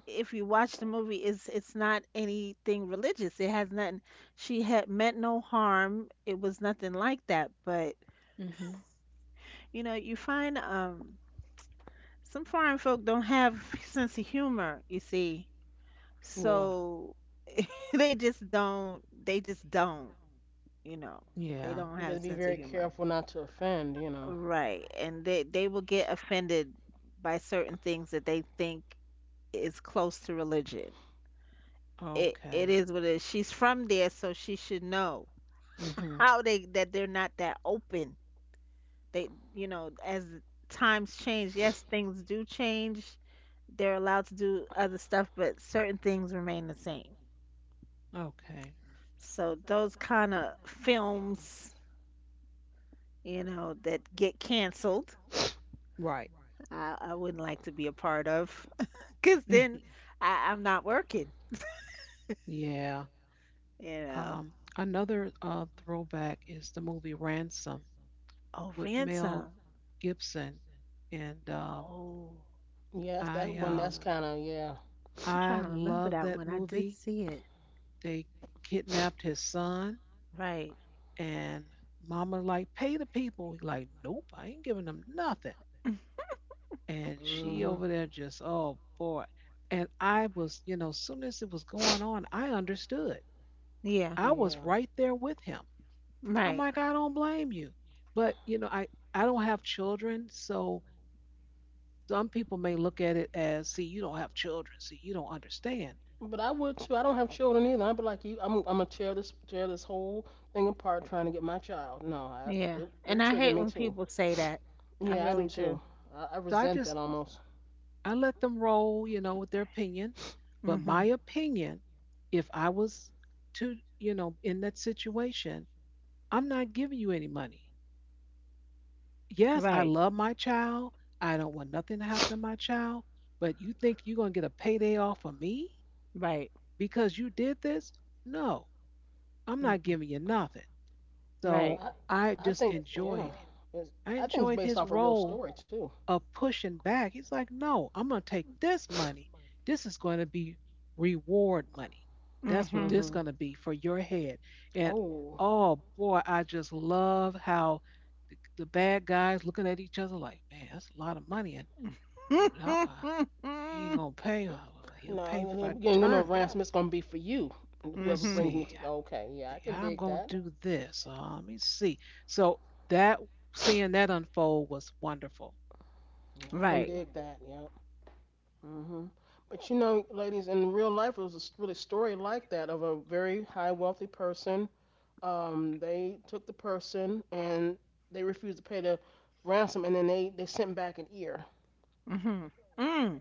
[SPEAKER 3] if you watch the movie, it's not anything religious. It has nothing. She had meant no harm. It was nothing like that. But
[SPEAKER 1] mm-hmm.
[SPEAKER 3] you know, you find some foreign folk don't have sense of humor, you see.
[SPEAKER 2] Yeah.
[SPEAKER 3] So they just don't, you know. They
[SPEAKER 1] Yeah.
[SPEAKER 3] don't
[SPEAKER 2] You
[SPEAKER 3] have a
[SPEAKER 2] gotta be
[SPEAKER 3] sense of
[SPEAKER 2] very
[SPEAKER 3] humor.
[SPEAKER 2] careful not to offend, you know.
[SPEAKER 3] Right. And they will get offended by certain things that they think is close to religion. It
[SPEAKER 1] Okay.
[SPEAKER 3] is what it is. She's from there, so she should know
[SPEAKER 1] Mm-hmm.
[SPEAKER 3] how they that they're not that open. They, you know, as times change, yes, things do change. They're allowed to do other stuff, but certain things remain the same.
[SPEAKER 1] Okay.
[SPEAKER 3] So those kind of films, you know, that get canceled,
[SPEAKER 1] Right.
[SPEAKER 3] I wouldn't like to be a part of, because then I'm not working.
[SPEAKER 1] Yeah.
[SPEAKER 3] You know.
[SPEAKER 1] Another throwback is the movie Ransom
[SPEAKER 3] Oh,
[SPEAKER 1] with Mel
[SPEAKER 3] ransom.
[SPEAKER 1] Gibson, and
[SPEAKER 3] Oh,
[SPEAKER 2] Yes, that's
[SPEAKER 1] I
[SPEAKER 2] one,
[SPEAKER 1] um,
[SPEAKER 2] that's kind of, yeah.
[SPEAKER 3] I'm
[SPEAKER 1] I
[SPEAKER 3] trying to remember
[SPEAKER 1] love
[SPEAKER 3] that
[SPEAKER 1] that
[SPEAKER 3] one. I did
[SPEAKER 1] movie.
[SPEAKER 3] see it.
[SPEAKER 1] They kidnapped his son,
[SPEAKER 3] Right.
[SPEAKER 1] and Mama like pay the people. He like, nope, I ain't giving them nothing. And
[SPEAKER 2] Mm
[SPEAKER 1] she
[SPEAKER 2] hmm.
[SPEAKER 1] over there just, oh boy. And I was, soon as it was going on, I understood.
[SPEAKER 3] Yeah,
[SPEAKER 1] I was
[SPEAKER 2] Yeah.
[SPEAKER 1] right there with him. I'm
[SPEAKER 3] right.
[SPEAKER 1] like, I don't blame you. But I don't have children. So some people may look at it as, see, you don't have children. See, you don't understand.
[SPEAKER 2] But I would too. I don't have children either. I'd be like you. I'm gonna tear this whole thing apart trying to get my child. No,
[SPEAKER 3] Yeah.
[SPEAKER 2] it
[SPEAKER 3] And
[SPEAKER 2] would
[SPEAKER 3] I
[SPEAKER 2] trigger
[SPEAKER 3] hate
[SPEAKER 2] me
[SPEAKER 3] when
[SPEAKER 2] too.
[SPEAKER 3] people say that. I
[SPEAKER 2] Yeah, I
[SPEAKER 3] really
[SPEAKER 2] do
[SPEAKER 3] do.
[SPEAKER 2] too. I
[SPEAKER 1] So I
[SPEAKER 2] resent
[SPEAKER 1] just,
[SPEAKER 2] that almost.
[SPEAKER 1] I let them roll, you know, with their opinion. But my
[SPEAKER 3] Mhm.
[SPEAKER 1] opinion, if I was to, you know, in that situation, I'm not giving you any money. Yes, I
[SPEAKER 3] Right.
[SPEAKER 1] love my child. I don't want nothing to happen to my child. But you think you're going to get a payday off of me
[SPEAKER 3] Right.
[SPEAKER 1] because you did this? No, I'm not
[SPEAKER 3] Mm-mm.
[SPEAKER 1] giving you nothing.
[SPEAKER 2] And
[SPEAKER 1] So
[SPEAKER 3] Right.
[SPEAKER 2] I
[SPEAKER 1] I
[SPEAKER 2] I
[SPEAKER 1] just
[SPEAKER 2] think
[SPEAKER 1] enjoyed
[SPEAKER 2] yeah.
[SPEAKER 1] him.
[SPEAKER 2] It's,
[SPEAKER 1] I
[SPEAKER 2] I think it's
[SPEAKER 1] enjoyed
[SPEAKER 2] based
[SPEAKER 1] his
[SPEAKER 2] off a real
[SPEAKER 1] role
[SPEAKER 2] story too.
[SPEAKER 1] of pushing back. He's like, no, I'm going to take this money. This is going to be reward money. That's what
[SPEAKER 3] Mhm.
[SPEAKER 1] this
[SPEAKER 2] Mhm.
[SPEAKER 1] going to be for your head. And
[SPEAKER 2] Oh
[SPEAKER 1] oh boy, I just love how the bad guys looking at each other like, man, that's a lot of money. And shoot, he ain't going to pay. He'll pay
[SPEAKER 2] no, and
[SPEAKER 1] if I
[SPEAKER 2] then again, you know,
[SPEAKER 1] turn.
[SPEAKER 2] ransom it's gonna be for you and
[SPEAKER 1] I
[SPEAKER 2] whoever
[SPEAKER 3] Mhm.
[SPEAKER 2] brings me
[SPEAKER 1] see.
[SPEAKER 2] to. Okay, yeah, I can
[SPEAKER 1] How I'm
[SPEAKER 2] dig
[SPEAKER 1] going
[SPEAKER 2] that.
[SPEAKER 1] to do this. Let me see. So that seeing that unfold was wonderful.
[SPEAKER 2] Yeah, I can
[SPEAKER 3] Right.
[SPEAKER 2] dig that. Yeah. Hmm. But you know, ladies, in real life, it was a really story like that of a very high wealthy person. They took the person and they refused to pay the ransom, and then they sent back an ear.
[SPEAKER 3] Mhm. Mm.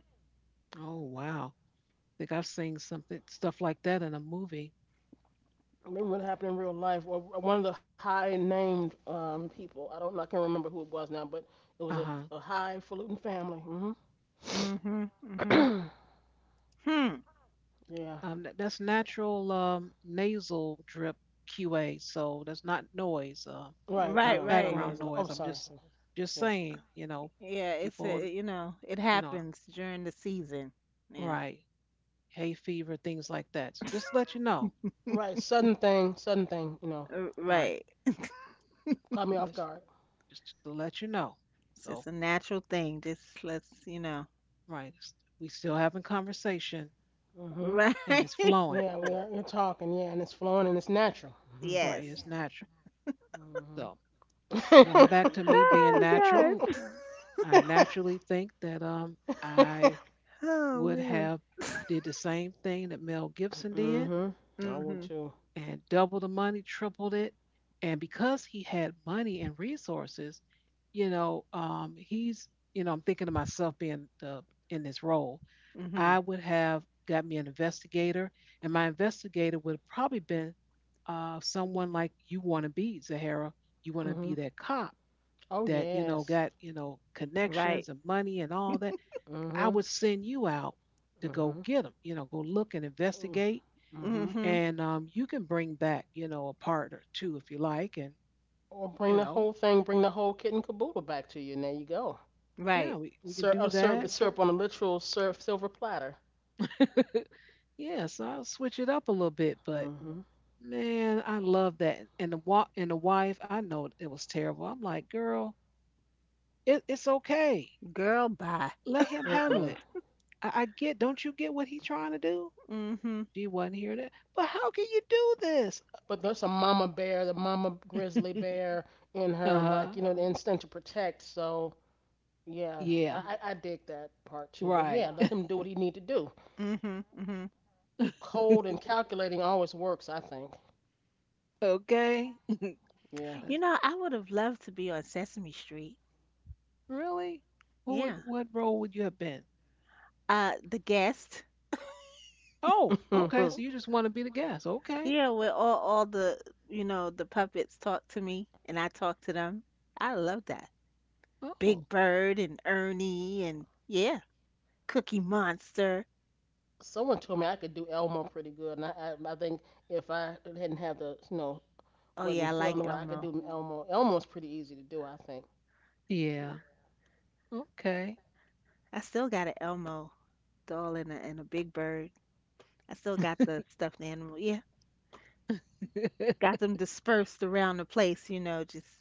[SPEAKER 1] Oh wow, I think I've seen something stuff like that in a movie.
[SPEAKER 2] I remember what happened in real life? Or one of the high named people. I don't. I can't remember who it was now, but it was a,
[SPEAKER 1] Uh
[SPEAKER 2] a
[SPEAKER 1] huh.
[SPEAKER 2] highfalutin family. Hmm.
[SPEAKER 3] Mhm. Mhm. Hmm.
[SPEAKER 2] Yeah.
[SPEAKER 1] That's natural, nasal drip QA, so that's not noise,
[SPEAKER 2] Right.
[SPEAKER 3] Right.
[SPEAKER 1] not
[SPEAKER 2] No, it's not
[SPEAKER 3] Right.
[SPEAKER 1] background
[SPEAKER 2] noise at all. Oh,
[SPEAKER 1] noise. I'm
[SPEAKER 2] sorry.
[SPEAKER 1] just
[SPEAKER 2] Yeah.
[SPEAKER 1] saying, you know,
[SPEAKER 3] Yeah. It's
[SPEAKER 1] people,
[SPEAKER 3] a, you know it
[SPEAKER 1] you know,
[SPEAKER 3] happens during the season. Yeah.
[SPEAKER 1] right, hay fever, things like that. So just let you know,
[SPEAKER 2] Right. Sudden thing. Sudden thing. You know,
[SPEAKER 1] right?
[SPEAKER 3] Right.
[SPEAKER 2] caught me off
[SPEAKER 1] Let's
[SPEAKER 2] guard.
[SPEAKER 1] just to let you know.
[SPEAKER 3] It's
[SPEAKER 1] So.
[SPEAKER 3] just a natural thing. Just let's you know.
[SPEAKER 1] Right. We still having conversation
[SPEAKER 2] Mm-hmm.
[SPEAKER 3] Right.
[SPEAKER 1] and it's flowing.
[SPEAKER 2] Yeah, we are, you're talking. Yeah, and it's flowing and it's natural. Mm hmm
[SPEAKER 1] Right.
[SPEAKER 3] Yes.
[SPEAKER 1] It's natural. So going back to me being
[SPEAKER 3] Oh
[SPEAKER 1] natural,
[SPEAKER 3] God.
[SPEAKER 1] I naturally think that I
[SPEAKER 3] Oh
[SPEAKER 1] would
[SPEAKER 3] man.
[SPEAKER 1] have did the same thing that Mel Gibson did
[SPEAKER 2] hmm. I will
[SPEAKER 3] Mhm.
[SPEAKER 2] too.
[SPEAKER 1] and double the money, tripled it. And because he had money and resources, you know, he's, you know, I'm thinking to myself being the in this role.
[SPEAKER 3] Mhm.
[SPEAKER 1] I would have got me an investigator, and my investigator would have probably been, someone like you want to be, Zahara. You want to be
[SPEAKER 2] Hmm.
[SPEAKER 1] that cop
[SPEAKER 2] Oh
[SPEAKER 1] that, you know,
[SPEAKER 2] yes.
[SPEAKER 1] got, you know,
[SPEAKER 3] Right.
[SPEAKER 1] connections and money and all that.
[SPEAKER 2] Hmm.
[SPEAKER 1] I
[SPEAKER 2] Hmm.
[SPEAKER 1] would send you out to go get them. You know, go look and investigate,
[SPEAKER 2] Mm-hmm.
[SPEAKER 3] Mhm.
[SPEAKER 1] and, you can bring back, you know, a partner too if you like, and
[SPEAKER 2] Or
[SPEAKER 1] you
[SPEAKER 2] bring the
[SPEAKER 1] know,
[SPEAKER 2] whole thing, bring the whole kit and caboodle back to you, and there you go.
[SPEAKER 1] yeah,
[SPEAKER 3] Right.
[SPEAKER 1] we can do
[SPEAKER 2] A
[SPEAKER 1] that.
[SPEAKER 2] syrup, syrup on a literal syrup, silver platter.
[SPEAKER 1] Yeah, so I'll switch it up a little bit, but
[SPEAKER 2] Hmm.
[SPEAKER 1] man, I love that. And the wife, I know it was terrible. I'm like, girl, it's okay.
[SPEAKER 3] Girl, bye.
[SPEAKER 1] Let him handle
[SPEAKER 2] Mm-mm.
[SPEAKER 1] it. I get. Don't you get what he's trying to do?
[SPEAKER 3] Mm-hmm.
[SPEAKER 1] She wasn't hearing it. But how can you do this?
[SPEAKER 2] But there's a mama bear, the mama grizzly bear in
[SPEAKER 1] Uh
[SPEAKER 2] her,
[SPEAKER 1] huh.
[SPEAKER 2] like, you know, the instinct to protect. So yeah,
[SPEAKER 1] Yeah.
[SPEAKER 2] I dig that part too, but
[SPEAKER 1] Right.
[SPEAKER 2] yeah, let him do what he need to do.
[SPEAKER 3] Mm-hmm. Mm-hmm.
[SPEAKER 2] Cold and calculating always works, I think.
[SPEAKER 1] Okay.
[SPEAKER 2] Yeah.
[SPEAKER 3] You
[SPEAKER 1] That's-
[SPEAKER 3] know, I would have loved to be on Sesame Street.
[SPEAKER 1] Really? Who would
[SPEAKER 3] Yeah.
[SPEAKER 1] what role would you have been?
[SPEAKER 3] The guest.
[SPEAKER 1] Oh, okay. So you just want to be the guest. Okay.
[SPEAKER 3] Yeah, where all the you know the puppets talk to me and I talk to them. I love that.
[SPEAKER 1] Oh.
[SPEAKER 3] Big Bird and Ernie and yeah, Cookie Monster.
[SPEAKER 2] Someone told me I could do Elmo pretty good, and I think if I hadn't had the
[SPEAKER 3] Oh yeah, I
[SPEAKER 2] wasn't feeling
[SPEAKER 3] like
[SPEAKER 2] what I could
[SPEAKER 3] Elmo.
[SPEAKER 2] do Elmo. Elmo's pretty easy to do, I think.
[SPEAKER 1] Yeah. Okay.
[SPEAKER 3] I still got an Elmo doll and a Big Bird. I still got the stuffed animal. Yeah, got them dispersed around the place. You know, just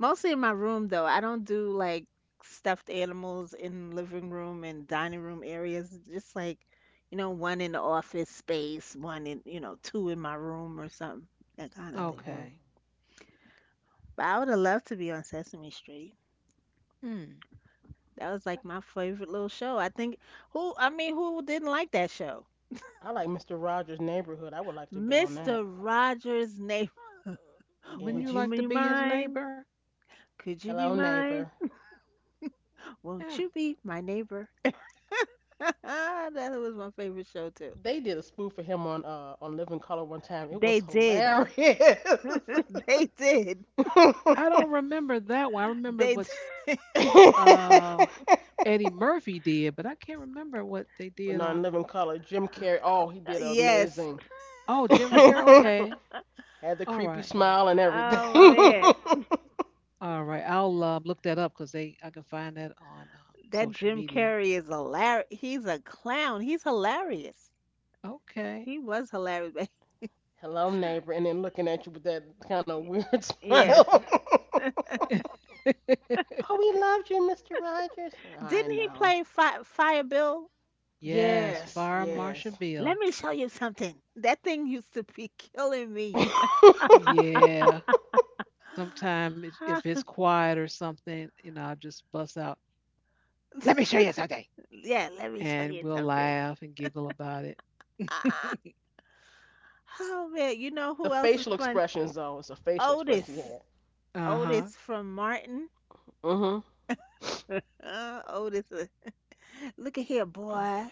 [SPEAKER 3] mostly in my room though. I don't do like stuffed animals in living room and dining room areas. Just like, you know, one in the office space, one in, you know, two in my room or something, that kind of thing.
[SPEAKER 2] Hmm.
[SPEAKER 1] Okay.
[SPEAKER 3] But I would have loved to be on Sesame Street.
[SPEAKER 1] Hmm.
[SPEAKER 3] That was like my favorite little show. I think who, I mean, who didn't like that show?
[SPEAKER 2] I like Mr. Rogers' Neighborhood. I would like to bet on that.
[SPEAKER 3] Mr. Rogers' neighbor.
[SPEAKER 1] Wouldn't you
[SPEAKER 3] Would you
[SPEAKER 2] Yes.
[SPEAKER 1] like to
[SPEAKER 3] be
[SPEAKER 1] be his
[SPEAKER 3] mine?
[SPEAKER 1] neighbor?
[SPEAKER 3] Could you be
[SPEAKER 2] Hello,
[SPEAKER 3] mine?
[SPEAKER 2] neighbor.
[SPEAKER 1] Yeah.
[SPEAKER 3] Won't you be my neighbor? That was my favorite show too.
[SPEAKER 2] They did a spoof for him on on Living Color one time. It was
[SPEAKER 3] They did.
[SPEAKER 2] hilarious.
[SPEAKER 3] They did.
[SPEAKER 1] I don't
[SPEAKER 2] but
[SPEAKER 1] remember that one. I remember
[SPEAKER 3] They
[SPEAKER 1] what
[SPEAKER 3] did.
[SPEAKER 1] uh, Eddie Murphy did, but I can't remember what they did
[SPEAKER 2] not in
[SPEAKER 1] on
[SPEAKER 2] living color. Jim
[SPEAKER 1] Living
[SPEAKER 2] Carrey,
[SPEAKER 1] Color.
[SPEAKER 2] oh, he did
[SPEAKER 3] Yes.
[SPEAKER 2] amazing.
[SPEAKER 1] Oh, Jim Carrey.
[SPEAKER 2] Had
[SPEAKER 1] Okay.
[SPEAKER 2] the
[SPEAKER 1] All
[SPEAKER 2] creepy
[SPEAKER 1] right.
[SPEAKER 2] smile and everything.
[SPEAKER 3] Oh man.
[SPEAKER 1] All right. I'll, look that up because they I can find that on,
[SPEAKER 3] That
[SPEAKER 1] social
[SPEAKER 3] Jim
[SPEAKER 1] media.
[SPEAKER 3] Carrey is hilarious. He's a clown. He's hilarious.
[SPEAKER 1] Okay.
[SPEAKER 3] He was hilarious. But-
[SPEAKER 2] Hello, neighbor, and then looking at you with that kind of weird
[SPEAKER 3] Yes.
[SPEAKER 2] smile. oh, we loved you, Mr. Rogers. I
[SPEAKER 3] Didn't he
[SPEAKER 2] know.
[SPEAKER 3] play Fi Fire Bill?
[SPEAKER 1] Yes.
[SPEAKER 2] Yes,
[SPEAKER 1] Fire Marshal
[SPEAKER 2] yes.
[SPEAKER 3] Let
[SPEAKER 1] Bill.
[SPEAKER 3] me show you something. That thing used to be killing me.
[SPEAKER 2] the
[SPEAKER 1] Yeah. Sometimes if it's
[SPEAKER 3] Huh?
[SPEAKER 1] quiet or something, you know, I just bust out. Let me show you something.
[SPEAKER 3] Yeah, let me show
[SPEAKER 1] And
[SPEAKER 3] you
[SPEAKER 1] we'll
[SPEAKER 3] something.
[SPEAKER 1] laugh and giggle about it.
[SPEAKER 3] Ah, oh man, you know who else is
[SPEAKER 2] facial
[SPEAKER 3] funny?
[SPEAKER 2] expressions, though, it's a facial expression he
[SPEAKER 3] Otis.
[SPEAKER 2] had.
[SPEAKER 1] Uh huh.
[SPEAKER 3] Otis from Martin.
[SPEAKER 2] Mm-hmm.
[SPEAKER 3] Otis. Uh, look at here, boy.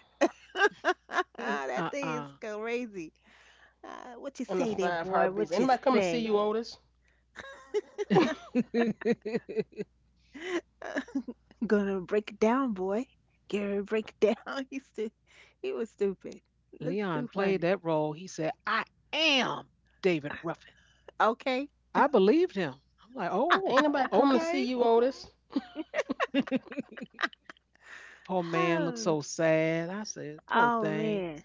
[SPEAKER 3] That thing is
[SPEAKER 1] Uh.
[SPEAKER 3] crazy. What you
[SPEAKER 2] And the
[SPEAKER 3] say there,
[SPEAKER 2] five
[SPEAKER 3] boy?
[SPEAKER 2] heartbeats.
[SPEAKER 3] What you
[SPEAKER 2] Anybody come to see
[SPEAKER 3] say?
[SPEAKER 2] you, Otis?
[SPEAKER 3] Gonna break it down, boy. Gonna break it down. He was stupid. That's
[SPEAKER 1] Leon
[SPEAKER 3] too
[SPEAKER 1] played
[SPEAKER 3] funny.
[SPEAKER 1] that role. He said, "I am David Ruffin."
[SPEAKER 3] Okay.
[SPEAKER 1] I believed him. I'm like,
[SPEAKER 2] Ain't
[SPEAKER 1] oh,
[SPEAKER 2] nobody coming to see you,
[SPEAKER 1] okay.
[SPEAKER 2] Otis.
[SPEAKER 1] Poor man looked
[SPEAKER 3] Oh,
[SPEAKER 1] so sad. I said, poor
[SPEAKER 3] oh
[SPEAKER 1] thing.
[SPEAKER 3] man.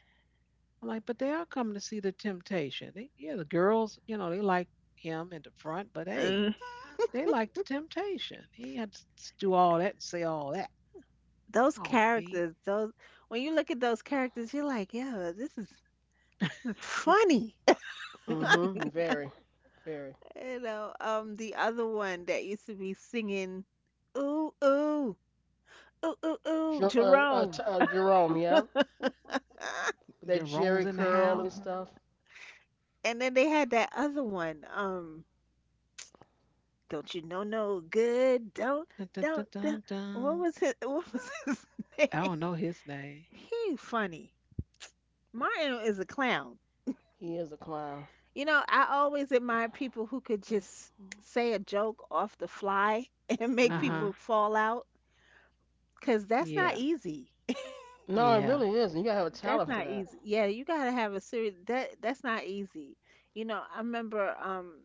[SPEAKER 1] I'm like, but they are coming to see the temptation. Yeah, the girls, you know, they like him in the front, but hey,
[SPEAKER 3] Mm.
[SPEAKER 1] they like the temptation. He had to do all that and say all that.
[SPEAKER 3] Those
[SPEAKER 1] Oh, me.
[SPEAKER 3] characters, those when you look at those characters, you're like, yeah, this is funny.
[SPEAKER 2] Mm-hmm. Very, very.
[SPEAKER 3] You know, the other one that used to be singing, ooh, ooh, ooh ooh ooh, Jerome.
[SPEAKER 2] Jerome, yeah.
[SPEAKER 3] Ah.
[SPEAKER 2] With that Jerry
[SPEAKER 1] Jerome's in the
[SPEAKER 2] curl and
[SPEAKER 1] house.
[SPEAKER 2] stuff.
[SPEAKER 3] And then they had that other one. Don't you know no good?
[SPEAKER 1] Dun, dun,
[SPEAKER 3] Don't
[SPEAKER 1] dun,
[SPEAKER 3] don't.
[SPEAKER 1] dun,
[SPEAKER 3] What
[SPEAKER 1] dun.
[SPEAKER 3] was his what was his
[SPEAKER 1] I
[SPEAKER 3] name?
[SPEAKER 1] don't know his name.
[SPEAKER 3] He funny. Martin is a clown.
[SPEAKER 2] He is a clown.
[SPEAKER 3] You know, I always admire people who could just say a joke off the fly and make
[SPEAKER 1] Uh
[SPEAKER 2] Mm-hmm.
[SPEAKER 1] huh.
[SPEAKER 3] people fall out. Cause that's not
[SPEAKER 1] Yeah.
[SPEAKER 3] easy.
[SPEAKER 2] No, it really
[SPEAKER 1] Yeah.
[SPEAKER 2] is, and you gotta have a
[SPEAKER 3] That's
[SPEAKER 2] talent for
[SPEAKER 3] not
[SPEAKER 2] that.
[SPEAKER 3] easy. Yeah, you gotta have a serious that that's not easy. You know, I remember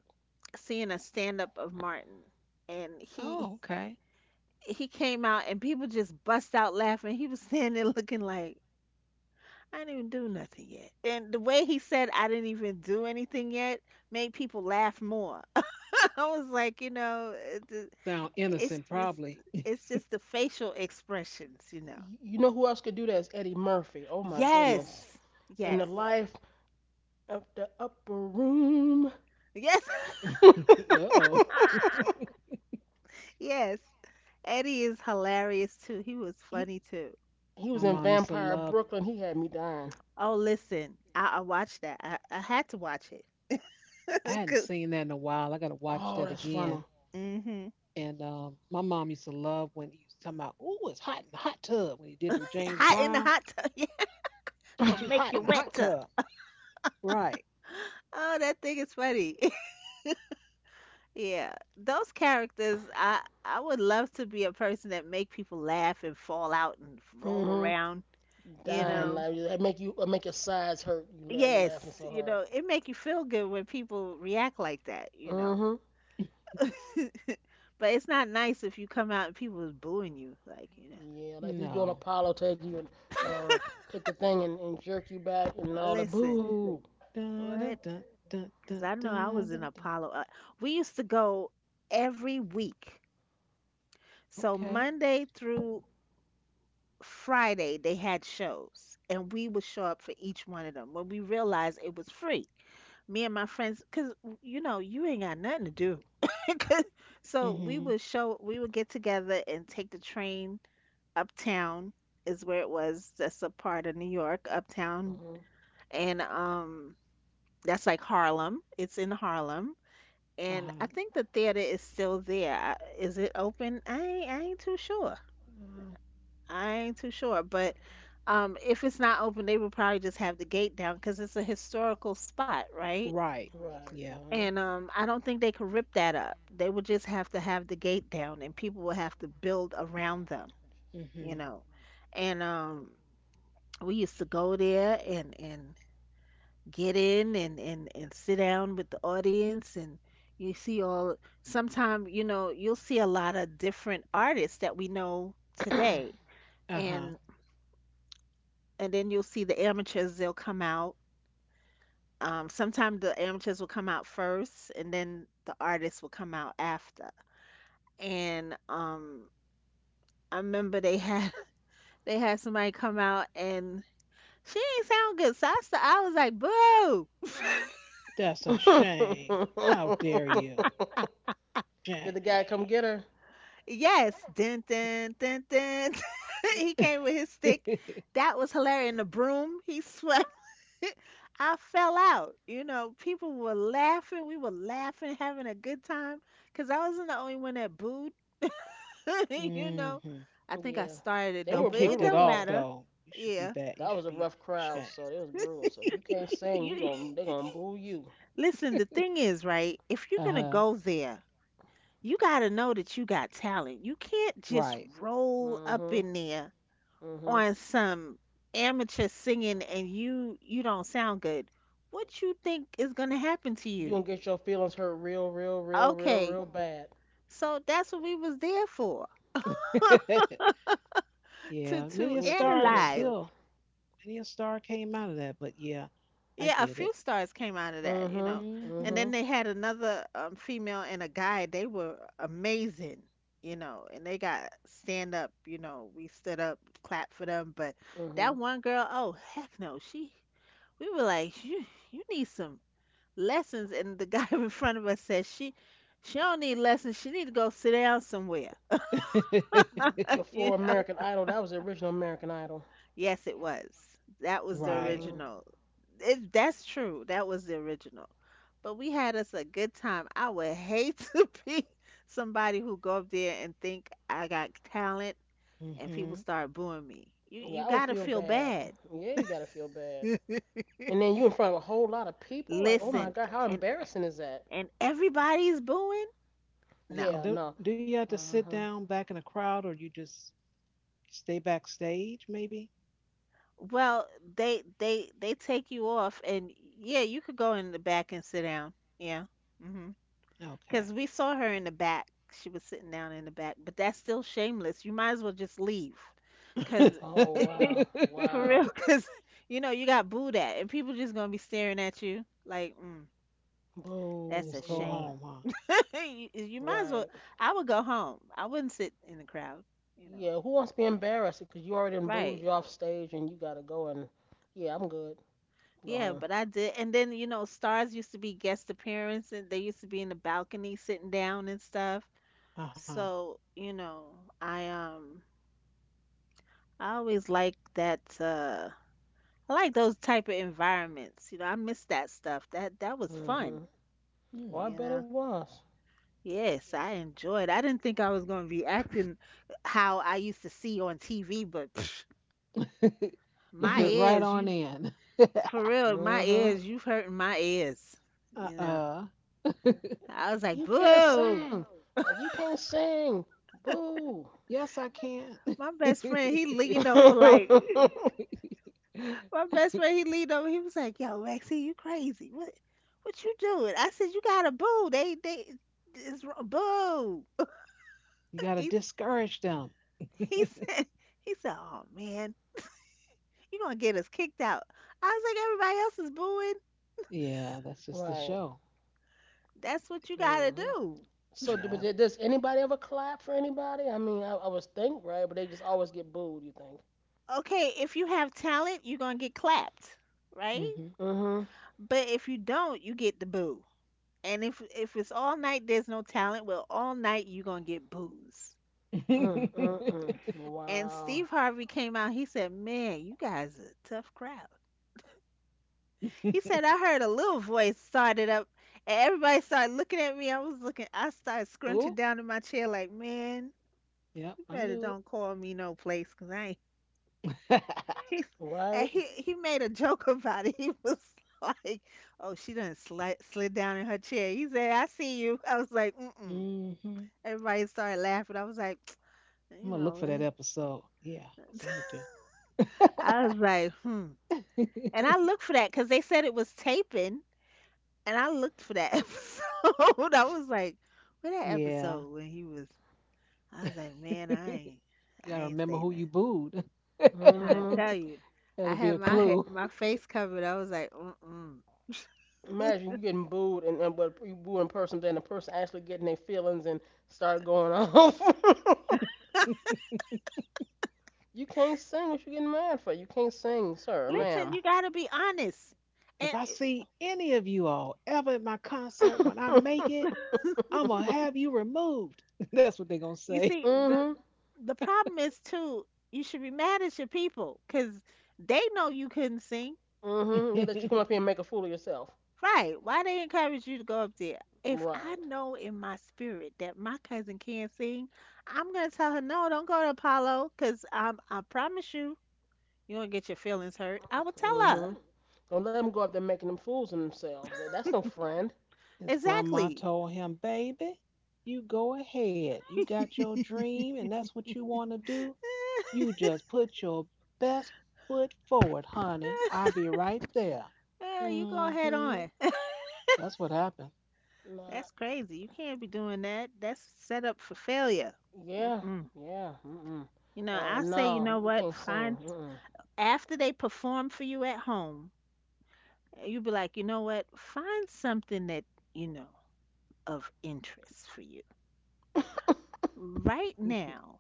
[SPEAKER 3] seeing a stand up of Martin and he
[SPEAKER 1] Oh, okay.
[SPEAKER 3] he came out and people just bust out laughing. He was standing there looking like I didn't even do nothing yet. And the way he said I didn't even do anything yet made people laugh more. I was like, you know,
[SPEAKER 1] Sound
[SPEAKER 3] it's
[SPEAKER 1] innocent,
[SPEAKER 3] just
[SPEAKER 1] probably.
[SPEAKER 3] it's just the facial expressions, you know.
[SPEAKER 2] You know who else could do that is Eddie Murphy. Oh my goodness.
[SPEAKER 3] Yes.
[SPEAKER 2] In the
[SPEAKER 3] Yes.
[SPEAKER 2] life of the upper room.
[SPEAKER 3] Yes.
[SPEAKER 1] Uh oh.
[SPEAKER 3] Yes. Eddie is hilarious too. He was
[SPEAKER 2] he,
[SPEAKER 3] funny too.
[SPEAKER 2] he
[SPEAKER 1] My
[SPEAKER 2] was in
[SPEAKER 1] mom used to
[SPEAKER 2] Vampire
[SPEAKER 1] love.
[SPEAKER 2] Brooklyn. He had me dying.
[SPEAKER 3] Oh, listen, I watched that. I had to watch it.
[SPEAKER 1] I hadn't
[SPEAKER 3] 'Cause-
[SPEAKER 1] seen that in a while. I gotta watch
[SPEAKER 2] Oh,
[SPEAKER 1] that
[SPEAKER 2] that's funny.
[SPEAKER 1] again.
[SPEAKER 3] mhm.
[SPEAKER 1] And, my mom used to love when he was talking about, "Ooh, it's hot in the hot tub." When he did the James
[SPEAKER 3] Hot in the
[SPEAKER 1] Brown,
[SPEAKER 3] hot tub. Yeah,
[SPEAKER 1] just
[SPEAKER 3] gonna
[SPEAKER 1] too
[SPEAKER 3] make
[SPEAKER 1] hot
[SPEAKER 3] you
[SPEAKER 1] in the hot
[SPEAKER 3] wetter.
[SPEAKER 1] tub. Right.
[SPEAKER 3] Oh, that thing is funny. Yeah, those characters. I would love to be a person that make people laugh and fall out and roll
[SPEAKER 2] hmm
[SPEAKER 3] around. You
[SPEAKER 2] Dying
[SPEAKER 1] Hmm.
[SPEAKER 3] know.
[SPEAKER 2] laugh. That make your sides hurt. You laughing
[SPEAKER 3] Yes,
[SPEAKER 2] so
[SPEAKER 3] you
[SPEAKER 2] hard.
[SPEAKER 3] know, it make you feel good when people react like that. You know,
[SPEAKER 2] Hmm
[SPEAKER 3] but it's not nice if you come out and people is booing you. Like you know.
[SPEAKER 2] Yeah, like he's doing
[SPEAKER 1] No.
[SPEAKER 2] Apollo, take you and uh, take the thing and jerk you back and all the
[SPEAKER 3] Listen,
[SPEAKER 2] boo.
[SPEAKER 1] Dun,
[SPEAKER 3] what
[SPEAKER 1] dun, dun, dun,
[SPEAKER 3] because
[SPEAKER 1] dun,
[SPEAKER 3] I know I was
[SPEAKER 1] dun,
[SPEAKER 3] in
[SPEAKER 1] dun, dun.
[SPEAKER 3] Apollo. We used to go every week. So
[SPEAKER 1] Okay.
[SPEAKER 3] Monday through Friday, they had shows, and we would show up for each one of them when we realized it was free. Me and my friends, because you ain't got nothing to do. 'Cause- so
[SPEAKER 1] Mm-hmm.
[SPEAKER 3] we would get together and take the train uptown, is where it was. That's a part of New York, uptown.
[SPEAKER 2] Hmm
[SPEAKER 3] And that's like Harlem. It's in Harlem, and I
[SPEAKER 1] Uh-huh.
[SPEAKER 3] think the theater is still there. Is it open? I ain't too sure.
[SPEAKER 1] Uh,
[SPEAKER 3] I ain't too sure, but if it's not open, they would probably just have the gate down because it's a historical spot, right?
[SPEAKER 1] right.
[SPEAKER 2] Right.
[SPEAKER 1] Yeah.
[SPEAKER 2] Uh-huh.
[SPEAKER 3] And I don't think they could rip that up. They would just have to have the gate down, and people would have to build around them, you
[SPEAKER 1] Hmm.
[SPEAKER 3] know. And we used to go there, and get in and sit down with the audience and you see all Sometimes you'll see a lot of different artists that we know today,
[SPEAKER 1] Uh-huh.
[SPEAKER 3] and then you'll see the amateurs, they'll come out. Sometime the amateurs will come out first, and then the artists will come out after. And I remember they had they had somebody come out, and she ain't sound good. So I was like, boo.
[SPEAKER 1] That's a shame. How dare you?
[SPEAKER 2] Did the
[SPEAKER 1] Shame.
[SPEAKER 2] guy come get her?
[SPEAKER 3] Yes, dun dun dun dun. He came with his stick. That was hilarious. And the broom, he swept. I fell out. You know, people were laughing. We were laughing, having a good time. Cause I wasn't the only one that booed. you
[SPEAKER 1] Mm
[SPEAKER 3] know,
[SPEAKER 1] hmm.
[SPEAKER 3] I think I
[SPEAKER 2] Yeah.
[SPEAKER 3] started it
[SPEAKER 2] They
[SPEAKER 3] though,
[SPEAKER 1] You
[SPEAKER 2] were
[SPEAKER 3] but it
[SPEAKER 1] kicked it
[SPEAKER 2] brutal
[SPEAKER 3] don't
[SPEAKER 1] off
[SPEAKER 2] though.
[SPEAKER 3] matter.
[SPEAKER 1] though. You should be
[SPEAKER 3] Yeah.
[SPEAKER 1] bad. You
[SPEAKER 2] That was
[SPEAKER 1] should
[SPEAKER 2] a
[SPEAKER 1] be
[SPEAKER 2] rough crowd,
[SPEAKER 1] shame.
[SPEAKER 2] so it was brutal. So if you can't sing, you
[SPEAKER 3] You
[SPEAKER 2] gon' they gonna boo you.
[SPEAKER 3] listen. The thing is, right? If you're gonna
[SPEAKER 1] Uh-huh.
[SPEAKER 3] go there, you gotta know that you got talent. You can't just
[SPEAKER 1] Right.
[SPEAKER 3] roll up
[SPEAKER 2] Hmm
[SPEAKER 3] in there
[SPEAKER 2] hmm
[SPEAKER 3] on some amateur singing, and you don't sound good. What you think is going to happen to
[SPEAKER 2] You gonna
[SPEAKER 3] you?
[SPEAKER 2] get your feelings hurt real, real, real, real,
[SPEAKER 3] Okay,
[SPEAKER 2] real bad.
[SPEAKER 3] so that's what we was there for, to
[SPEAKER 1] Yeah.
[SPEAKER 2] You
[SPEAKER 3] to
[SPEAKER 1] Many a
[SPEAKER 2] get your
[SPEAKER 1] star
[SPEAKER 2] feelings
[SPEAKER 1] is
[SPEAKER 3] analyze.
[SPEAKER 2] hurt.
[SPEAKER 1] still many a star came out of that, but yeah, I
[SPEAKER 3] Yeah, a
[SPEAKER 1] get
[SPEAKER 3] few
[SPEAKER 1] it.
[SPEAKER 3] stars came out of that,
[SPEAKER 2] Mm-hmm.
[SPEAKER 3] and
[SPEAKER 2] Mm-hmm.
[SPEAKER 1] Mm
[SPEAKER 3] then they had another female and a guy. They were amazing, and they got stand up. We stood up, clapped for them, but
[SPEAKER 2] Mm-hmm.
[SPEAKER 3] that one girl, oh heck no. She, we were like, you need some lessons. And the guy in front of us says, she don't need lessons, she need to go sit down somewhere.
[SPEAKER 1] hmm.
[SPEAKER 2] Before
[SPEAKER 3] you know
[SPEAKER 2] American Idol, that was the original American Idol.
[SPEAKER 3] yes, it was. That was the
[SPEAKER 1] Right.
[SPEAKER 2] Mm-hmm.
[SPEAKER 3] original. It, that's true, that was the original. But we had us a good time. I would hate to be somebody who go up there and think, I got talent,
[SPEAKER 1] Mm
[SPEAKER 3] and people
[SPEAKER 1] hmm.
[SPEAKER 3] start booing me. you
[SPEAKER 2] Yeah,
[SPEAKER 3] you
[SPEAKER 2] I would
[SPEAKER 3] gotta
[SPEAKER 2] feel
[SPEAKER 3] feel
[SPEAKER 2] bad.
[SPEAKER 3] bad.
[SPEAKER 2] Yeah, you gotta feel bad. And then you in front of a whole lot of people. Like, oh my
[SPEAKER 3] Listen,
[SPEAKER 2] God, how
[SPEAKER 3] and
[SPEAKER 2] embarrassing is that?
[SPEAKER 3] and everybody's booing. No.
[SPEAKER 2] Yeah,
[SPEAKER 1] And do
[SPEAKER 2] no.
[SPEAKER 1] do you have to sit
[SPEAKER 2] Uh-huh.
[SPEAKER 1] down back in a crowd, or you just stay backstage? Maybe.
[SPEAKER 3] Well, they take you off, and yeah, you could go in the back and sit down. Yeah. Hmm.
[SPEAKER 1] Okay.
[SPEAKER 3] Because we saw her in the back. She was sitting down in the back, but that's still shameless. You might as well just leave. Because
[SPEAKER 2] Oh wow,
[SPEAKER 3] for
[SPEAKER 2] wow.
[SPEAKER 3] real, because you know, you got booed at, and people just gonna be staring at you like, mm,
[SPEAKER 2] Boo.
[SPEAKER 3] that's a
[SPEAKER 1] Just go
[SPEAKER 3] shame.
[SPEAKER 2] Yeah.
[SPEAKER 1] home, huh?
[SPEAKER 3] You might as well.
[SPEAKER 2] Right.
[SPEAKER 3] I would go home. I wouldn't sit in the crowd, you know.
[SPEAKER 2] Yeah. Who wants to be embarrassed? Because you already done booed
[SPEAKER 3] Right.
[SPEAKER 2] you off stage and you gotta go and yeah, I'm good. Go
[SPEAKER 3] Yeah,
[SPEAKER 2] home.
[SPEAKER 3] but I did. And then, you know, stars used to be guest appearance and they used to be in the balcony sitting down and stuff.
[SPEAKER 1] Uh huh.
[SPEAKER 3] So, you know, I um I always like that I like those type of environments. You know, I miss that stuff. That was fun,
[SPEAKER 2] Mm-hmm. Oh,
[SPEAKER 1] Hmm.
[SPEAKER 2] I
[SPEAKER 3] you
[SPEAKER 2] bet it
[SPEAKER 3] know.
[SPEAKER 2] was.
[SPEAKER 3] Yes, I enjoyed. I didn't think I was going to be acting how I used to see on TV, but psh,
[SPEAKER 1] You
[SPEAKER 3] my
[SPEAKER 1] fit right
[SPEAKER 3] ears,
[SPEAKER 1] on
[SPEAKER 3] you,
[SPEAKER 1] in.
[SPEAKER 3] for real, my
[SPEAKER 2] Mm-hmm.
[SPEAKER 3] ears, you've hurting my ears,
[SPEAKER 1] Uh
[SPEAKER 3] you know.
[SPEAKER 1] uh.
[SPEAKER 3] I was like,
[SPEAKER 2] You can't
[SPEAKER 3] "Boo."
[SPEAKER 2] sing. Like you can't sing. Boo.
[SPEAKER 1] Yes, I can.
[SPEAKER 3] My
[SPEAKER 1] You
[SPEAKER 3] best friend, he leaned over like my best friend, he leaned over. He was like, "Yo, Maxie, you crazy? What you doing?" I said, "You got a boo. It's wr- boo."
[SPEAKER 1] got to
[SPEAKER 3] He,
[SPEAKER 1] discourage them.
[SPEAKER 3] he said, he said, "Oh man, you gonna get us kicked out." I was like, "Everybody else is booing.
[SPEAKER 1] Yeah, that's just the
[SPEAKER 2] Right.
[SPEAKER 1] show.
[SPEAKER 3] That's what you gotta
[SPEAKER 2] Mm-hmm.
[SPEAKER 3] do."
[SPEAKER 2] So,
[SPEAKER 1] Yeah.
[SPEAKER 2] does anybody ever clap for anybody? I mean, I was think right, but they just always get booed. You think?
[SPEAKER 3] Okay, if you have talent, you're gonna get clapped, right?
[SPEAKER 1] Mm-hmm.
[SPEAKER 2] Mm-hmm.
[SPEAKER 3] But if you don't, you get the boo. And if it's all night, there's no talent. Well, all night you're gonna get boos. Mm-hmm.
[SPEAKER 2] Mm-mm-mm.
[SPEAKER 3] And
[SPEAKER 2] Wow.
[SPEAKER 3] Steve Harvey came out. He said, man, you guys are a tough crowd. He said, I heard a little voice started up and everybody started looking at me. I was looking, I started scrunching
[SPEAKER 1] Oh,
[SPEAKER 3] down in my chair like, man,
[SPEAKER 1] yep,
[SPEAKER 3] you
[SPEAKER 1] I
[SPEAKER 3] better
[SPEAKER 1] knew
[SPEAKER 3] don't call me no place 'cause I ain't.
[SPEAKER 1] it.
[SPEAKER 3] He, and
[SPEAKER 2] Right.
[SPEAKER 3] he made a joke about it. He was like, oh, she done slid down in her chair. He said, I see you. I was like, mm mm.
[SPEAKER 1] I'm
[SPEAKER 3] Everybody started laughing. I was like,
[SPEAKER 1] gonna
[SPEAKER 3] you
[SPEAKER 1] look for that
[SPEAKER 3] know,
[SPEAKER 1] episode. Yeah, that's what I'm
[SPEAKER 3] I was like, hmm.
[SPEAKER 1] gonna
[SPEAKER 3] And
[SPEAKER 1] do.
[SPEAKER 3] I looked for that because they said it was taping, and I looked for that episode. I was like, "Where that
[SPEAKER 1] Yeah,
[SPEAKER 3] episode when he was?" I was like,
[SPEAKER 1] you
[SPEAKER 3] "Man,
[SPEAKER 1] gotta
[SPEAKER 3] I ain't
[SPEAKER 1] remember who
[SPEAKER 3] saying
[SPEAKER 1] you
[SPEAKER 3] that."
[SPEAKER 1] booed.
[SPEAKER 3] Trying to
[SPEAKER 2] Mm-hmm.
[SPEAKER 3] tell you, I
[SPEAKER 1] That'll be
[SPEAKER 3] had
[SPEAKER 1] a
[SPEAKER 3] my
[SPEAKER 1] clue.
[SPEAKER 3] my face covered. I was like, "Mm-mm."
[SPEAKER 2] Imagine you getting booed, and but you booing in person, then the person actually getting their feelings and start going off. You can't sing. What you getting mad for? You can't sing, sir, or
[SPEAKER 1] If
[SPEAKER 3] Listen, you
[SPEAKER 2] ma'am.
[SPEAKER 3] gotta be honest,
[SPEAKER 1] if
[SPEAKER 3] and
[SPEAKER 1] I see any of you all ever at my concert when I
[SPEAKER 2] mhm.
[SPEAKER 1] make it, I'm gonna have you removed. That's what they're gonna
[SPEAKER 3] you
[SPEAKER 1] say.
[SPEAKER 3] see the
[SPEAKER 2] Mhm.
[SPEAKER 3] the problem is too. You should be mad at your people because they know you couldn't sing.
[SPEAKER 2] They let you come
[SPEAKER 1] His
[SPEAKER 2] up here and make a fool of yourself.
[SPEAKER 3] Right. Why they encourage you to go up there? If I
[SPEAKER 2] Right.
[SPEAKER 3] know in my spirit that my cousin can't sing, I'm gonna tell her, no, don't go to Apollo, cause I promise you, you gonna get your feelings hurt. I will tell her
[SPEAKER 2] Mhm. Don't let them go up there making them fools of themselves. That's no friend.
[SPEAKER 1] grandma
[SPEAKER 3] exactly.
[SPEAKER 1] told him, "Baby, you go ahead. You got your dream, and that's what you want to do. You just put your best foot forward, honey. I'll be right there."
[SPEAKER 3] Yeah, you go head
[SPEAKER 1] Mm-hmm.
[SPEAKER 3] on.
[SPEAKER 1] That's what happened,
[SPEAKER 2] Nah.
[SPEAKER 3] That's crazy. You can't be doing that. That's set up for failure.
[SPEAKER 2] Yeah.
[SPEAKER 3] Mm-mm.
[SPEAKER 2] Yeah. Mm.
[SPEAKER 3] You know, I say, you know
[SPEAKER 2] No. You
[SPEAKER 3] what?
[SPEAKER 2] can't
[SPEAKER 3] Find
[SPEAKER 2] sing.
[SPEAKER 3] after they perform for you at home, you be like, you know what? Find something that, you know of interest for you.
[SPEAKER 2] Mm.
[SPEAKER 3] Right now,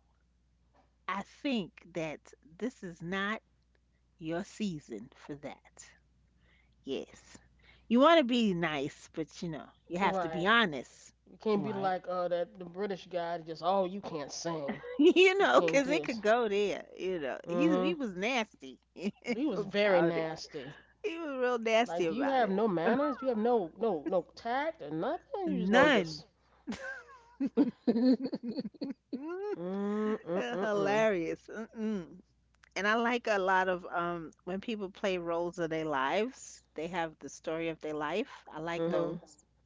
[SPEAKER 3] I think that this is not your season for that. Yes. You want to be nice, but you know, you have to be
[SPEAKER 2] Right.
[SPEAKER 3] honest.
[SPEAKER 2] You can't be
[SPEAKER 1] right?
[SPEAKER 2] like that the British guy just oh you can't sing. You can't
[SPEAKER 3] 'Cause
[SPEAKER 2] do
[SPEAKER 3] it
[SPEAKER 2] this.
[SPEAKER 3] could go there. You know,
[SPEAKER 2] Mm-hmm.
[SPEAKER 3] he was nasty
[SPEAKER 2] He was very
[SPEAKER 3] about it.
[SPEAKER 2] nasty.
[SPEAKER 3] He was real nasty
[SPEAKER 2] Like, do you
[SPEAKER 3] about
[SPEAKER 2] have
[SPEAKER 3] it.
[SPEAKER 2] no manners? Do you have no tact or nothing? You just gonna
[SPEAKER 3] None.
[SPEAKER 2] just
[SPEAKER 3] Mm,
[SPEAKER 2] mm mm mm mm.
[SPEAKER 3] Hilarious. Mm-mm. And I like a lot of when people play roles of their lives, they have the story of their life. I like
[SPEAKER 1] Mm-hmm.
[SPEAKER 2] Mhm.
[SPEAKER 3] those.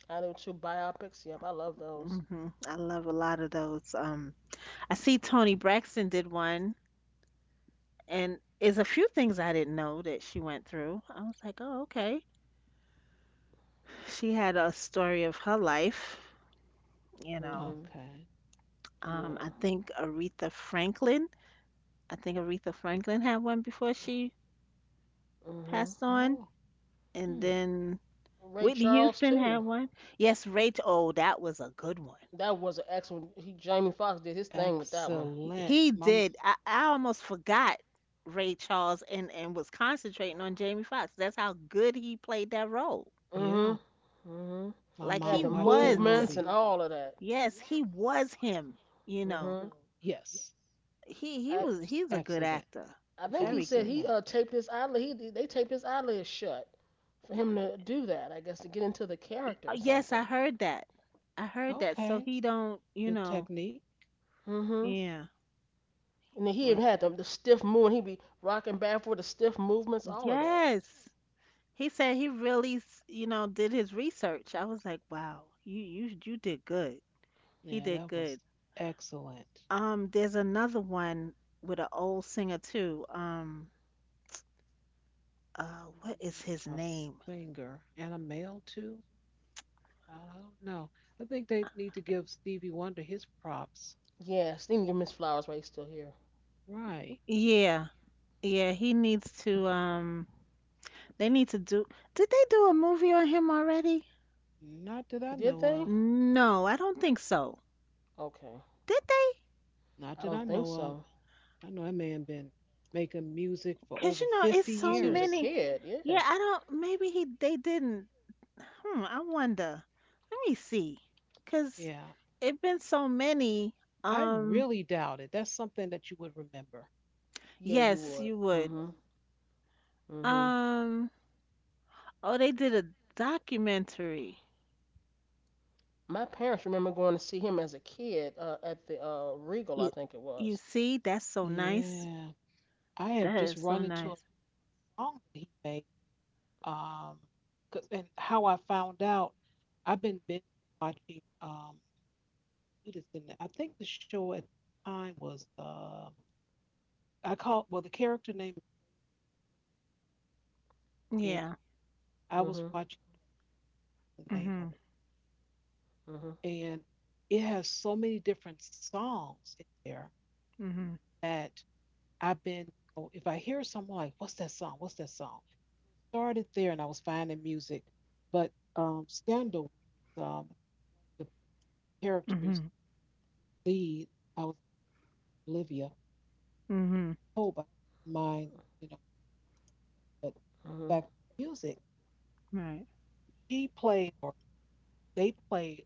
[SPEAKER 2] I do two biopics. Yep, I love those.
[SPEAKER 3] Hmm. I love a lot of those. I see Toni Braxton did one, and is a few things I didn't know that she went through. I was like, oh, okay. She had a story of her life, you know.
[SPEAKER 2] Mhm.
[SPEAKER 1] Okay.
[SPEAKER 3] I
[SPEAKER 2] Yeah.
[SPEAKER 3] think Aretha Franklin. I think Aretha Franklin had one before she
[SPEAKER 2] Mhm.
[SPEAKER 3] passed on,
[SPEAKER 1] Oh.
[SPEAKER 3] and
[SPEAKER 1] Hmm.
[SPEAKER 3] then
[SPEAKER 2] Ray
[SPEAKER 3] Whitney
[SPEAKER 2] Charles
[SPEAKER 3] Houston had
[SPEAKER 2] too.
[SPEAKER 3] one. Yes, Rachel. Oh, that was a good one.
[SPEAKER 2] That was an excellent. He Jamie Foxx did his thing with that one.
[SPEAKER 1] Excellent.
[SPEAKER 3] He
[SPEAKER 1] My
[SPEAKER 3] did. I almost forgot Ray Charles, and was concentrating on Jamie Foxx. That's how good he played that role.
[SPEAKER 1] Yeah,
[SPEAKER 2] Mhm. Mhm.
[SPEAKER 1] my
[SPEAKER 3] Like
[SPEAKER 2] Had
[SPEAKER 3] he
[SPEAKER 1] mom
[SPEAKER 2] the
[SPEAKER 1] watched that
[SPEAKER 3] was,
[SPEAKER 2] movements and
[SPEAKER 1] movie.
[SPEAKER 2] all of that.
[SPEAKER 3] yes, he was him. You know,
[SPEAKER 2] Mhm.
[SPEAKER 1] Yes,
[SPEAKER 3] he
[SPEAKER 1] it
[SPEAKER 2] I
[SPEAKER 1] was
[SPEAKER 3] was. He's a good
[SPEAKER 1] excellent.
[SPEAKER 3] actor.
[SPEAKER 2] I think he
[SPEAKER 3] Very
[SPEAKER 2] said
[SPEAKER 3] good.
[SPEAKER 2] he
[SPEAKER 1] Excellent.
[SPEAKER 2] taped his eyelid. He they taped his eyelids shut for him to do that, I guess, to get into the character or
[SPEAKER 3] Yes, I
[SPEAKER 2] something.
[SPEAKER 3] heard that. I heard that. So
[SPEAKER 1] Okay,
[SPEAKER 3] he don't. You
[SPEAKER 1] good
[SPEAKER 3] know.
[SPEAKER 1] technique.
[SPEAKER 2] Hmm
[SPEAKER 3] Yeah.
[SPEAKER 2] And then he even
[SPEAKER 3] Wait.
[SPEAKER 2] had the stiff movement. He'd be rocking back for the stiff movements, all of that.
[SPEAKER 3] Yes. He said he really, you know, did his research. I was like, wow, you you did good. He
[SPEAKER 1] Yeah,
[SPEAKER 3] did
[SPEAKER 1] that
[SPEAKER 3] good.
[SPEAKER 1] was excellent.
[SPEAKER 3] There's another one with an old singer too. What is
[SPEAKER 1] Mm.
[SPEAKER 3] his
[SPEAKER 1] A
[SPEAKER 3] name?
[SPEAKER 1] singer and a male too. I don't know. I think they need to give Stevie Wonder his props.
[SPEAKER 2] Yeah, they didn't give Miss Flowers while he's still here.
[SPEAKER 1] Right.
[SPEAKER 3] Yeah, yeah, he needs to, they need to do, did they do a movie on him already?
[SPEAKER 1] Not that I
[SPEAKER 2] Did
[SPEAKER 1] know
[SPEAKER 2] they?
[SPEAKER 1] of.
[SPEAKER 3] No, I don't think so.
[SPEAKER 2] Okay.
[SPEAKER 3] Did they?
[SPEAKER 1] Not
[SPEAKER 2] I
[SPEAKER 1] that I
[SPEAKER 2] don't
[SPEAKER 1] know
[SPEAKER 2] think
[SPEAKER 1] of.
[SPEAKER 2] so.
[SPEAKER 1] I know that man been making music for
[SPEAKER 3] Cause
[SPEAKER 1] over
[SPEAKER 3] you know, it's
[SPEAKER 1] 50
[SPEAKER 2] Since
[SPEAKER 3] so
[SPEAKER 2] he was a
[SPEAKER 1] years.
[SPEAKER 3] many.
[SPEAKER 2] kid, yeah.
[SPEAKER 3] Yeah, I don't, maybe he, they didn't. Hmm, I wonder. Let me see. Cause
[SPEAKER 1] Yeah.
[SPEAKER 3] it been so many.
[SPEAKER 1] I
[SPEAKER 3] Um,
[SPEAKER 1] really doubt it. That's something that you would remember.
[SPEAKER 2] Yeah, you
[SPEAKER 3] yes,
[SPEAKER 2] would.
[SPEAKER 3] you would.
[SPEAKER 2] Hmm hmm
[SPEAKER 3] Um, Oh, they did a documentary.
[SPEAKER 2] My parents remember going to see him as a kid at the Regal, I
[SPEAKER 3] You,
[SPEAKER 2] think it
[SPEAKER 3] you
[SPEAKER 2] was.
[SPEAKER 3] see, that's so nice.
[SPEAKER 1] Yeah. I have
[SPEAKER 3] That
[SPEAKER 1] just
[SPEAKER 3] is so
[SPEAKER 1] run into a
[SPEAKER 3] nice.
[SPEAKER 1] song that he made. Um, and how I found out, I've been binge watching. What is the? I think the show at the time was, I called, well, the character name, and
[SPEAKER 3] Yeah.
[SPEAKER 1] I was
[SPEAKER 2] Hmm
[SPEAKER 1] watching the name of
[SPEAKER 3] Mhm.
[SPEAKER 1] it.
[SPEAKER 2] hmm
[SPEAKER 1] And it has so many different songs in there
[SPEAKER 3] Mhm.
[SPEAKER 1] that I've been, you know, if I hear someone like, what's that song? What's that song? Started there and I was finding music. But, Scandal, um the characters
[SPEAKER 3] Mhm.
[SPEAKER 1] lead, I was Olivia
[SPEAKER 3] Mhm.
[SPEAKER 1] Pope. I don't mind, you know, but
[SPEAKER 2] hmm
[SPEAKER 1] back to music,
[SPEAKER 3] Right.
[SPEAKER 1] she played or they played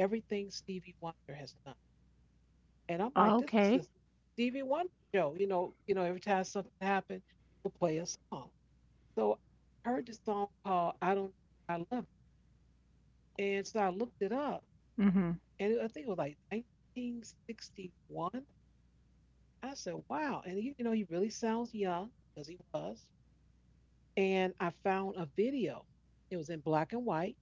[SPEAKER 1] everything Stevie Wonder has done. And I'm like, this is the
[SPEAKER 3] Okay.
[SPEAKER 1] Stevie Wonder show. You know, every time something happened, they would play a song. So I heard this song called I Don't Know Why I Love You. And so I looked it up
[SPEAKER 3] Mhm.
[SPEAKER 1] and I think it was like 1961. I said, wow. And he, you know, he really sounds young because he was. And I found a video. It was in black and white.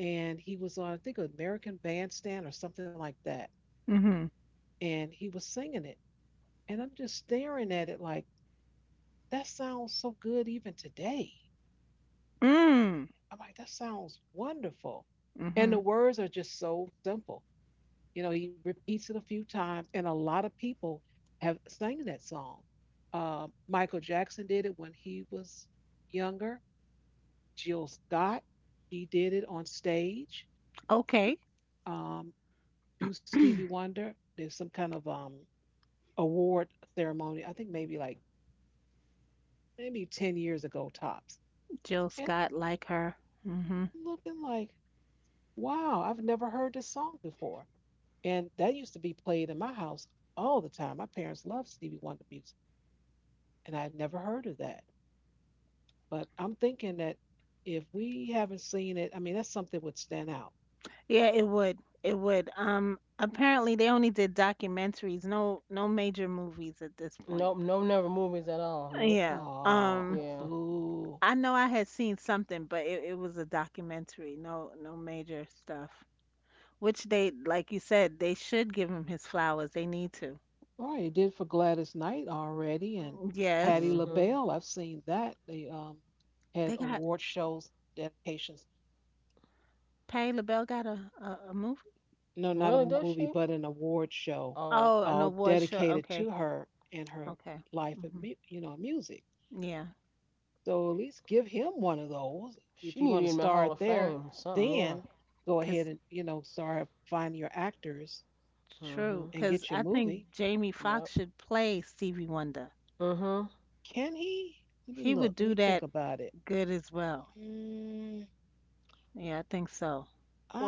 [SPEAKER 1] And he was on, I think, American Bandstand or something like that.
[SPEAKER 3] Mhm.
[SPEAKER 1] And he was singing it. And I'm just staring at it like, that sounds so good even today.
[SPEAKER 3] Mm.
[SPEAKER 1] I'm like, that sounds wonderful. And the
[SPEAKER 3] Mhm.
[SPEAKER 1] words are just so simple. You know, he repeats it a few times, and a lot of people have sang that song. Michael Jackson did it when he was younger. Jill Scott, she did it on stage,
[SPEAKER 3] Okay.
[SPEAKER 1] um, to Stevie Wonder. There's some kind of, award ceremony, I think maybe 10 years ago, tops.
[SPEAKER 3] Jill
[SPEAKER 1] And
[SPEAKER 3] Scott, like her. Mhm.
[SPEAKER 1] looking like, wow, I've never heard this song before. And that used to be played in my house all the time. My parents loved Stevie Wonder music, and I had never heard of that. But I'm thinking that if we haven't seen it, I mean, that's something that would stand out.
[SPEAKER 3] Yeah, it would. It would. Apparently they only did documentaries, no no major movies at this point.
[SPEAKER 2] Nope, no never movies at all. Nope.
[SPEAKER 3] Yeah.
[SPEAKER 1] Oh,
[SPEAKER 3] Um,
[SPEAKER 2] Yeah.
[SPEAKER 1] boo.
[SPEAKER 3] I know I had seen something, but it was a documentary. No, no major stuff. Which they, like you said, they should give him his flowers. They need to.
[SPEAKER 1] All right, it did for Gladys Knight already, and Patti
[SPEAKER 3] Yes,
[SPEAKER 2] hmm
[SPEAKER 1] LaBelle. I've seen that. They, had
[SPEAKER 3] they got
[SPEAKER 1] award shows, dedications,
[SPEAKER 3] Patti LaBelle got a movie.
[SPEAKER 1] no, not a
[SPEAKER 2] Really, does
[SPEAKER 1] movie,
[SPEAKER 2] she?
[SPEAKER 1] but an award show,
[SPEAKER 2] Oh,
[SPEAKER 3] Oh,
[SPEAKER 2] okay.
[SPEAKER 3] an
[SPEAKER 1] all
[SPEAKER 3] award show.
[SPEAKER 1] dedicated
[SPEAKER 3] Okay,
[SPEAKER 1] to her and her
[SPEAKER 3] okay.
[SPEAKER 1] life and
[SPEAKER 3] Hmm.
[SPEAKER 1] you know, music.
[SPEAKER 3] Yeah,
[SPEAKER 1] So at least give him one of those if
[SPEAKER 2] She
[SPEAKER 1] you're
[SPEAKER 2] need to
[SPEAKER 1] going
[SPEAKER 2] be
[SPEAKER 1] to
[SPEAKER 2] in the Hall
[SPEAKER 1] start
[SPEAKER 2] of
[SPEAKER 1] there.
[SPEAKER 2] Fame, or something, yeah.
[SPEAKER 1] Then go ahead
[SPEAKER 3] cause
[SPEAKER 1] and you know start finding your actors
[SPEAKER 3] true.
[SPEAKER 2] Mhm.
[SPEAKER 1] and get
[SPEAKER 3] Cause
[SPEAKER 1] your
[SPEAKER 3] I think
[SPEAKER 1] movie.
[SPEAKER 3] Jamie
[SPEAKER 2] Yep.
[SPEAKER 3] Foxx should play Stevie Wonder.
[SPEAKER 2] Mhm.
[SPEAKER 1] Can he? Let me
[SPEAKER 3] He
[SPEAKER 1] look.
[SPEAKER 3] would
[SPEAKER 1] Let
[SPEAKER 3] do
[SPEAKER 1] me think
[SPEAKER 3] that
[SPEAKER 1] about it.
[SPEAKER 3] good as well.
[SPEAKER 1] Mm,
[SPEAKER 3] Yeah, I think so.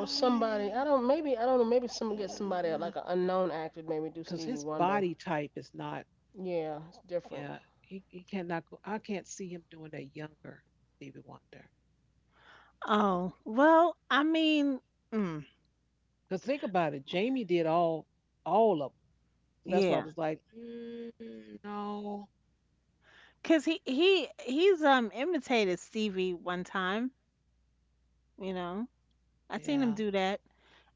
[SPEAKER 2] Or somebody, I don't. Maybe I don't know. Maybe someone get somebody like an unknown actor to Maybe
[SPEAKER 1] because
[SPEAKER 2] do
[SPEAKER 1] his
[SPEAKER 2] Stevie
[SPEAKER 1] body
[SPEAKER 2] Wonder.
[SPEAKER 1] type is not.
[SPEAKER 2] Yeah, it's different.
[SPEAKER 1] Yeah, he cannot go. I can't see him doing a younger Stevie Wonder.
[SPEAKER 3] Oh well, I mean, mm,
[SPEAKER 1] Because think about it, Jamie did all of them. So that's why I was
[SPEAKER 3] yeah.
[SPEAKER 1] like, mm, no,
[SPEAKER 3] 'Cause he he's, imitated Stevie one time, you know? I seen him
[SPEAKER 1] yeah.
[SPEAKER 3] do that,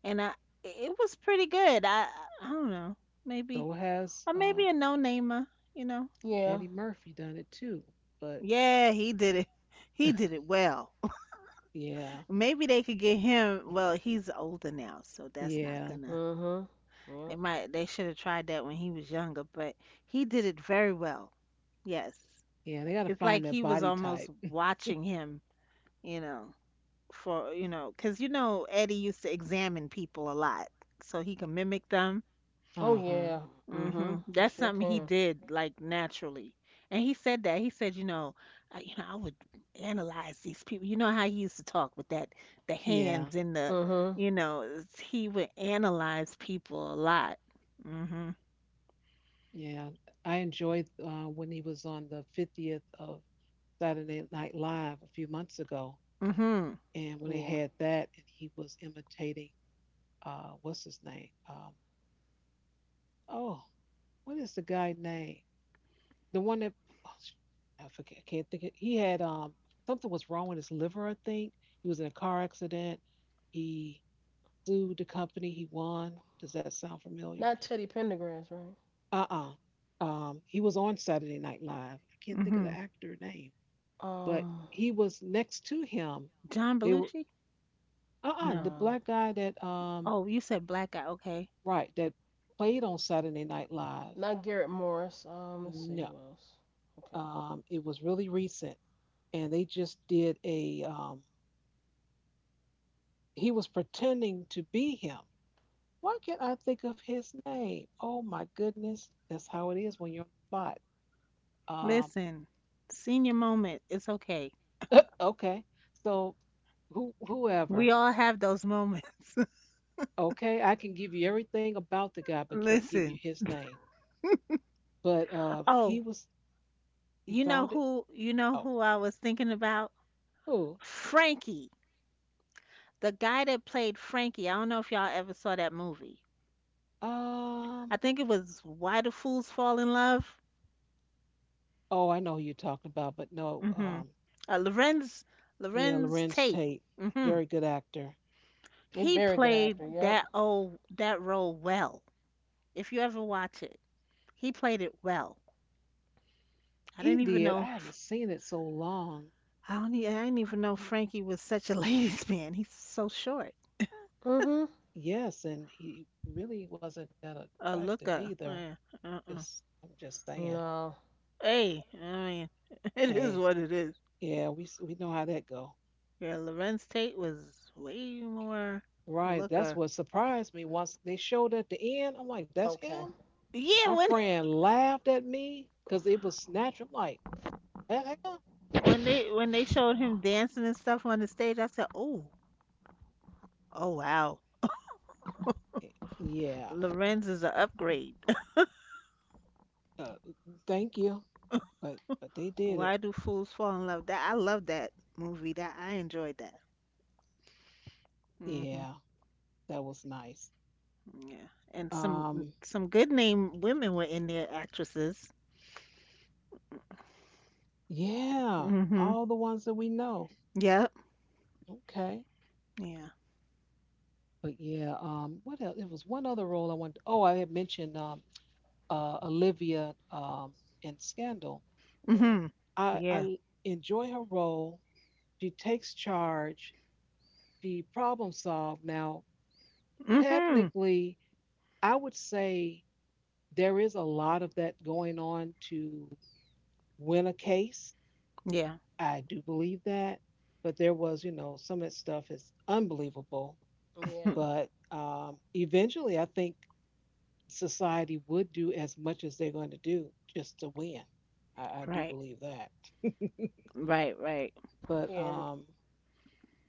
[SPEAKER 3] and I it was pretty good. I don't know,
[SPEAKER 1] So
[SPEAKER 3] maybe,
[SPEAKER 1] has,
[SPEAKER 3] or maybe a no-namer, you know?
[SPEAKER 2] Yeah.
[SPEAKER 1] Eddie Murphy done it too? But
[SPEAKER 3] Yeah, he did it. He did it well.
[SPEAKER 1] yeah,
[SPEAKER 3] Maybe they could get him, well, he's older now, so that's not
[SPEAKER 1] yeah,
[SPEAKER 3] gonna,
[SPEAKER 2] Mhm.
[SPEAKER 3] they
[SPEAKER 2] Yep.
[SPEAKER 3] might, they should have tried that when he was younger, but he did it very well. Yes.
[SPEAKER 1] yeah. They got to
[SPEAKER 3] It's like
[SPEAKER 1] find that
[SPEAKER 3] he was
[SPEAKER 1] body
[SPEAKER 3] almost
[SPEAKER 1] type.
[SPEAKER 3] watching him, you know? For you know because you know Eddie used to examine people a lot, so he can mimic them.
[SPEAKER 1] Uh
[SPEAKER 2] Oh
[SPEAKER 1] huh.
[SPEAKER 2] yeah.
[SPEAKER 3] Hmm,
[SPEAKER 2] Mhm. You
[SPEAKER 3] that's
[SPEAKER 2] sure
[SPEAKER 3] something he
[SPEAKER 2] can.
[SPEAKER 3] did like naturally. And he said that, he said, you know, you know, I would analyze these people, you know how he used to talk with that, the hands
[SPEAKER 1] Yeah,
[SPEAKER 3] and the,
[SPEAKER 2] Mhm.
[SPEAKER 3] you know, it's- he would analyze people a lot. Hmm.
[SPEAKER 1] yeah. I enjoyed, when he was on the 50th of Saturday Night Live a few months ago,
[SPEAKER 3] Hmm.
[SPEAKER 1] and when they
[SPEAKER 2] Yeah.
[SPEAKER 1] had that, and he was imitating, what's his name? Oh, what is the guy name? The one that I forget, I can't think. Of, he had something was wrong with his liver. I think he was in a car accident. He sued the company. He won. Does that sound familiar?
[SPEAKER 2] Not Teddy Pendergrass, right?
[SPEAKER 1] He was on Saturday Night Live. I can't think of
[SPEAKER 3] Hmm.
[SPEAKER 1] the actor name, but
[SPEAKER 2] Um.
[SPEAKER 1] he was next to him.
[SPEAKER 3] John
[SPEAKER 1] They were
[SPEAKER 3] Belushi. No.
[SPEAKER 1] the
[SPEAKER 2] No.
[SPEAKER 1] black guy that
[SPEAKER 3] Oh, you said black guy, okay.
[SPEAKER 1] right that played on Saturday Night Live.
[SPEAKER 2] Not Garrett Morris. Let's see
[SPEAKER 1] No,
[SPEAKER 2] who else. Okay.
[SPEAKER 1] it was really recent, and they just did a he was pretending to be him. Why can't I think of his name? Oh my goodness, that's how it is when you're on the spot. Um,
[SPEAKER 3] Listen, senior moment, it's okay.
[SPEAKER 1] okay, so
[SPEAKER 3] We
[SPEAKER 1] whoever,
[SPEAKER 3] all have those moments.
[SPEAKER 1] okay, I can give you everything about the guy, but can't give you
[SPEAKER 3] Listen.
[SPEAKER 1] his name. But he
[SPEAKER 3] Oh,
[SPEAKER 1] was, you
[SPEAKER 3] you know
[SPEAKER 1] found it.
[SPEAKER 3] who, you know
[SPEAKER 1] Oh,
[SPEAKER 3] who I was thinking about?
[SPEAKER 1] who?
[SPEAKER 3] Frankie, the guy that played Frankie. I don't know if y'all ever saw that movie.
[SPEAKER 1] Um,
[SPEAKER 3] I think it was Why Do Fools Fall in Love?
[SPEAKER 1] oh, I know who you're talking about, but no,
[SPEAKER 3] Hmm. Uh, Lorenz
[SPEAKER 1] yeah,
[SPEAKER 3] Lorenz
[SPEAKER 1] Lorenz
[SPEAKER 3] Tate.
[SPEAKER 1] Tate,
[SPEAKER 3] Hmm.
[SPEAKER 1] very good actor.
[SPEAKER 2] You're a
[SPEAKER 3] He
[SPEAKER 2] very good
[SPEAKER 3] played
[SPEAKER 2] actor. Yep.
[SPEAKER 3] that old that role well. If you ever watch it, he played it well. I
[SPEAKER 1] He
[SPEAKER 3] didn't even
[SPEAKER 1] did.
[SPEAKER 3] know
[SPEAKER 1] I haven't
[SPEAKER 3] if-
[SPEAKER 1] seen it so long.
[SPEAKER 3] I don't e- I didn't even know Frankie was such a ladies' man. He's so short.
[SPEAKER 2] Mhm.
[SPEAKER 1] Yes, and he really wasn't that
[SPEAKER 3] A
[SPEAKER 1] attractive
[SPEAKER 3] looker.
[SPEAKER 1] either.
[SPEAKER 3] Yeah, uh-uh.
[SPEAKER 1] Just, I'm just saying.
[SPEAKER 2] No.
[SPEAKER 3] Hey, I mean, it is
[SPEAKER 1] Hey,
[SPEAKER 3] what it is.
[SPEAKER 1] yeah, we know how that go.
[SPEAKER 3] Yeah, Lorenz Tate was way more a
[SPEAKER 1] Right, that's
[SPEAKER 3] looker.
[SPEAKER 1] what surprised me once they showed at the end. I'm like, that's
[SPEAKER 2] Okay.
[SPEAKER 1] him. My
[SPEAKER 3] Yeah, when
[SPEAKER 1] friend laughed at me because it was snatch. I'm like, "That him?"
[SPEAKER 3] when they showed him dancing and stuff on the stage, I said, "Oh, oh wow,
[SPEAKER 1] Yeah.
[SPEAKER 3] Lorenz is an upgrade."
[SPEAKER 1] Uh, thank you, but they did it.
[SPEAKER 3] Why do fools fall in love? That I love that movie. That I enjoyed that. Hmm.
[SPEAKER 1] Yeah, that was nice.
[SPEAKER 3] Yeah, and
[SPEAKER 1] Um,
[SPEAKER 3] some good name women were in there, actresses.
[SPEAKER 1] yeah,
[SPEAKER 3] Hmm.
[SPEAKER 1] all the ones that we know.
[SPEAKER 3] Yep.
[SPEAKER 1] Okay.
[SPEAKER 3] Yeah.
[SPEAKER 1] But yeah, what else? There was one other role I wanted. Oh, I had mentioned Olivia in Scandal.
[SPEAKER 2] Mhm.
[SPEAKER 3] Hmm.
[SPEAKER 1] I
[SPEAKER 3] Yeah.
[SPEAKER 1] I enjoy her role. She takes charge. She problem solves. Now,
[SPEAKER 3] Hmm.
[SPEAKER 1] technically, I would say there is a lot of that going on to win a case.
[SPEAKER 3] Yeah.
[SPEAKER 1] I do believe that. But there was, you know, some of that stuff is unbelievable.
[SPEAKER 2] Yeah.
[SPEAKER 1] But eventually, I think society would do as much as they're going to do just to win. I do
[SPEAKER 3] Right.
[SPEAKER 1] believe that.
[SPEAKER 3] Right, right.
[SPEAKER 1] But
[SPEAKER 2] And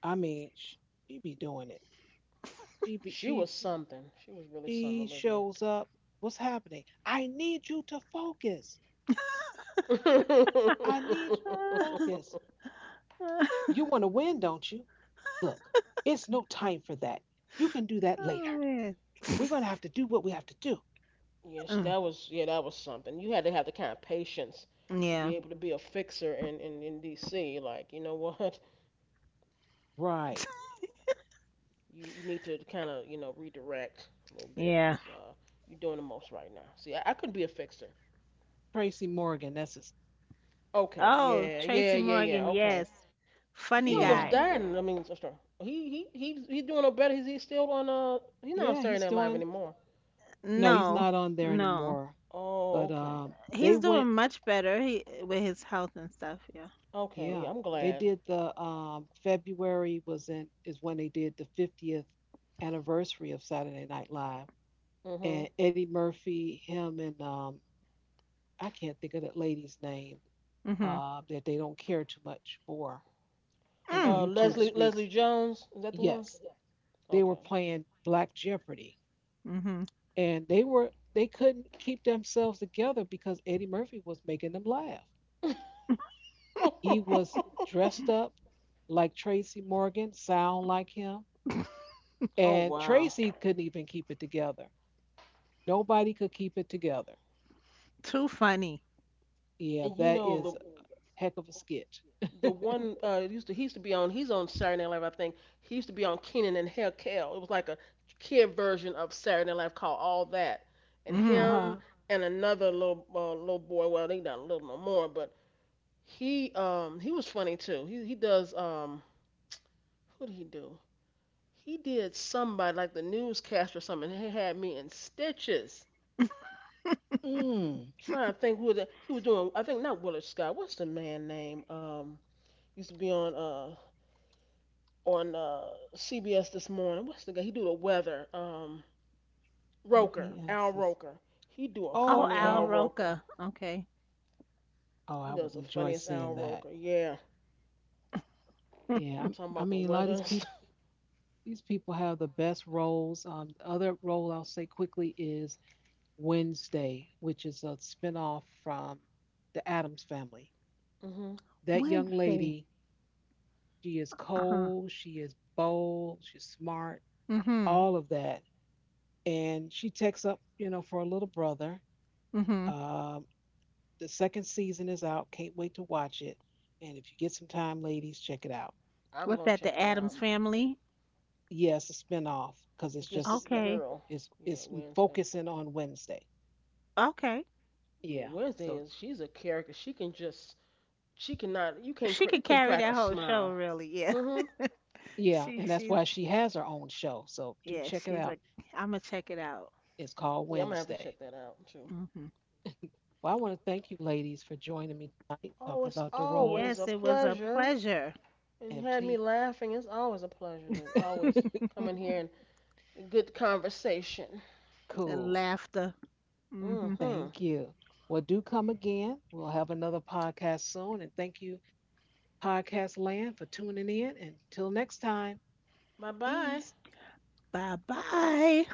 [SPEAKER 1] I mean, she be doing it. She be,
[SPEAKER 2] she was something. She was really something,
[SPEAKER 1] she
[SPEAKER 2] Olivia.
[SPEAKER 1] shows up. What's happening? I need you to focus. I need you to focus.
[SPEAKER 3] Oh
[SPEAKER 1] You want to win, don't you? Look, it's no time for that. You can do that later.
[SPEAKER 3] man.
[SPEAKER 1] We're gonna have to do what we have to do.
[SPEAKER 2] yes,
[SPEAKER 3] Mm,
[SPEAKER 2] that was something. You had to have the kind of patience to
[SPEAKER 3] yeah.
[SPEAKER 2] be able to be a fixer in, in DC. Like, you know what?
[SPEAKER 1] Right.
[SPEAKER 2] You need to kind of you know redirect a little bit
[SPEAKER 3] Yeah.
[SPEAKER 2] because you're doing the most right now. See, I couldn't be a fixer.
[SPEAKER 1] Tracy Morgan. That's his.
[SPEAKER 2] Okay.
[SPEAKER 3] Oh,
[SPEAKER 2] Yeah. Yeah.
[SPEAKER 3] Tracy
[SPEAKER 2] Yeah.
[SPEAKER 3] Morgan,
[SPEAKER 2] Yeah. Okay.
[SPEAKER 3] yes.
[SPEAKER 2] He
[SPEAKER 3] Funny
[SPEAKER 2] almost
[SPEAKER 1] Yeah.
[SPEAKER 3] guy.
[SPEAKER 2] died. And, I mean, I'm sorry. He's doing no better. He's still on He's not on
[SPEAKER 1] Yeah.
[SPEAKER 2] Saturday Night
[SPEAKER 1] He's
[SPEAKER 2] Live
[SPEAKER 1] doing.
[SPEAKER 2] anymore.
[SPEAKER 1] No, he's
[SPEAKER 3] No.
[SPEAKER 1] not on there
[SPEAKER 3] No.
[SPEAKER 1] anymore.
[SPEAKER 2] Oh,
[SPEAKER 1] But
[SPEAKER 2] okay.
[SPEAKER 1] they
[SPEAKER 3] He's doing
[SPEAKER 1] went,
[SPEAKER 3] much better, he, with his health and stuff, yeah.
[SPEAKER 2] Okay, yeah,
[SPEAKER 1] yeah,
[SPEAKER 2] I'm
[SPEAKER 1] they
[SPEAKER 2] glad.
[SPEAKER 1] did the February was in is when they did the 50th anniversary of Saturday Night Live,
[SPEAKER 2] Mhm.
[SPEAKER 1] and Eddie Murphy, him and I can't think of that lady's name
[SPEAKER 3] Mhm.
[SPEAKER 1] that they don't care too much for in the
[SPEAKER 3] Mm.
[SPEAKER 1] YouTube streets.
[SPEAKER 2] Leslie Jones, is that the one?
[SPEAKER 1] Yes, they were
[SPEAKER 2] Okay.
[SPEAKER 1] playing Black Jeopardy,
[SPEAKER 3] Mhm.
[SPEAKER 1] and they couldn't keep themselves together because Eddie Murphy was making them laugh.
[SPEAKER 2] oh
[SPEAKER 1] He was dressed up like Tracy Morgan, sound like him. And
[SPEAKER 2] wow.
[SPEAKER 1] Tracy couldn't even keep it together. Nobody could keep it together.
[SPEAKER 3] Too funny.
[SPEAKER 1] Yeah,
[SPEAKER 2] And you
[SPEAKER 1] that is
[SPEAKER 2] know
[SPEAKER 1] a heck of a sketch.
[SPEAKER 2] the one it used to he used to be on he's on Saturday Night Live I think. He used to be on Kenan and Kel. It was like a kid version of Saturday Night Live called All That. And
[SPEAKER 1] Uh
[SPEAKER 3] Mhm.
[SPEAKER 2] him
[SPEAKER 1] huh.
[SPEAKER 2] and another little little boy, well they not little no more, but he was funny too. He does what did he do? He did somebody like the newscaster or something. And he had me in stitches.
[SPEAKER 1] Mm.
[SPEAKER 2] I'm trying to think who he was doing. I think not Willard Scott. What's the man name? Used to be on on uh CBS this morning. What's the guy? He do the weather. Roker, Al
[SPEAKER 1] PBS is.
[SPEAKER 2] Roker. He do a
[SPEAKER 1] Oh,
[SPEAKER 3] Oh,
[SPEAKER 2] funny Al
[SPEAKER 3] Al
[SPEAKER 1] okay.
[SPEAKER 2] Roker.
[SPEAKER 3] Roker. Okay.
[SPEAKER 1] Oh,
[SPEAKER 2] He
[SPEAKER 1] I
[SPEAKER 2] does
[SPEAKER 1] would
[SPEAKER 2] the
[SPEAKER 1] enjoy
[SPEAKER 2] funniest Al
[SPEAKER 1] seeing that.
[SPEAKER 2] Roker. Yeah,
[SPEAKER 1] Yeah,
[SPEAKER 2] talking
[SPEAKER 1] I
[SPEAKER 2] about the
[SPEAKER 1] mean, a lot of
[SPEAKER 2] weather and stuff.
[SPEAKER 1] these people have the best roles. The other role I'll say quickly is Wednesday, which is a spinoff from The Adams Family.
[SPEAKER 2] Mhm.
[SPEAKER 1] That young
[SPEAKER 3] Wednesday.
[SPEAKER 1] lady she is
[SPEAKER 3] Uh-huh.
[SPEAKER 1] cold, she is bold, she's smart,
[SPEAKER 3] Mhm.
[SPEAKER 1] all of that. And she takes up, you know, for a little brother.
[SPEAKER 3] Mhm.
[SPEAKER 1] Um, the second season is out. Can't wait to watch it. And if you get some time, ladies, check it out.
[SPEAKER 2] I'm
[SPEAKER 3] What's
[SPEAKER 2] gonna
[SPEAKER 3] that? The
[SPEAKER 2] check it
[SPEAKER 3] Adams
[SPEAKER 2] out.
[SPEAKER 3] family?
[SPEAKER 1] Yes, it's a spinoff because
[SPEAKER 2] It's
[SPEAKER 1] it's
[SPEAKER 2] just
[SPEAKER 1] just
[SPEAKER 2] the
[SPEAKER 3] Okay.
[SPEAKER 2] girl. Yeah,
[SPEAKER 1] it's
[SPEAKER 2] Wednesday.
[SPEAKER 1] focusing on Wednesday.
[SPEAKER 3] Okay.
[SPEAKER 2] Yeah,
[SPEAKER 1] Yeah.
[SPEAKER 2] Wednesday
[SPEAKER 1] So
[SPEAKER 2] is she's a character. She cannot. You can't.
[SPEAKER 3] She
[SPEAKER 2] You
[SPEAKER 3] could
[SPEAKER 2] can
[SPEAKER 3] carry
[SPEAKER 2] crack a
[SPEAKER 3] that whole show,
[SPEAKER 2] smile.
[SPEAKER 3] really. Yeah.
[SPEAKER 2] Mhm.
[SPEAKER 1] yeah,
[SPEAKER 3] She
[SPEAKER 1] and that's
[SPEAKER 3] she's
[SPEAKER 1] why she has her own show. So do
[SPEAKER 3] yeah,
[SPEAKER 1] check it
[SPEAKER 3] she's
[SPEAKER 1] out.
[SPEAKER 3] like, I'm gonna check it out.
[SPEAKER 1] It's called
[SPEAKER 2] Yeah, I'm gonna have to
[SPEAKER 1] Wednesday.
[SPEAKER 2] check that out too.
[SPEAKER 3] Hmm.
[SPEAKER 1] Well, I want to thank you, ladies, for joining me tonight,
[SPEAKER 2] Oh,
[SPEAKER 1] talking
[SPEAKER 2] it's
[SPEAKER 1] about the
[SPEAKER 2] always
[SPEAKER 1] roles.
[SPEAKER 2] a
[SPEAKER 3] Yes, it was a
[SPEAKER 2] pleasure.
[SPEAKER 3] pleasure
[SPEAKER 2] And you
[SPEAKER 1] And
[SPEAKER 2] had me
[SPEAKER 1] please
[SPEAKER 2] laughing. It's always a pleasure to always come in here and good conversation.
[SPEAKER 3] and
[SPEAKER 1] cool.
[SPEAKER 3] laughter. Hmm.
[SPEAKER 2] Mhm.
[SPEAKER 1] Thank you. Well, do come again. We'll have another podcast soon. And thank you, Podcast Land, for tuning in. Until next time,
[SPEAKER 2] Bye bye.
[SPEAKER 1] peace.
[SPEAKER 3] Bye bye.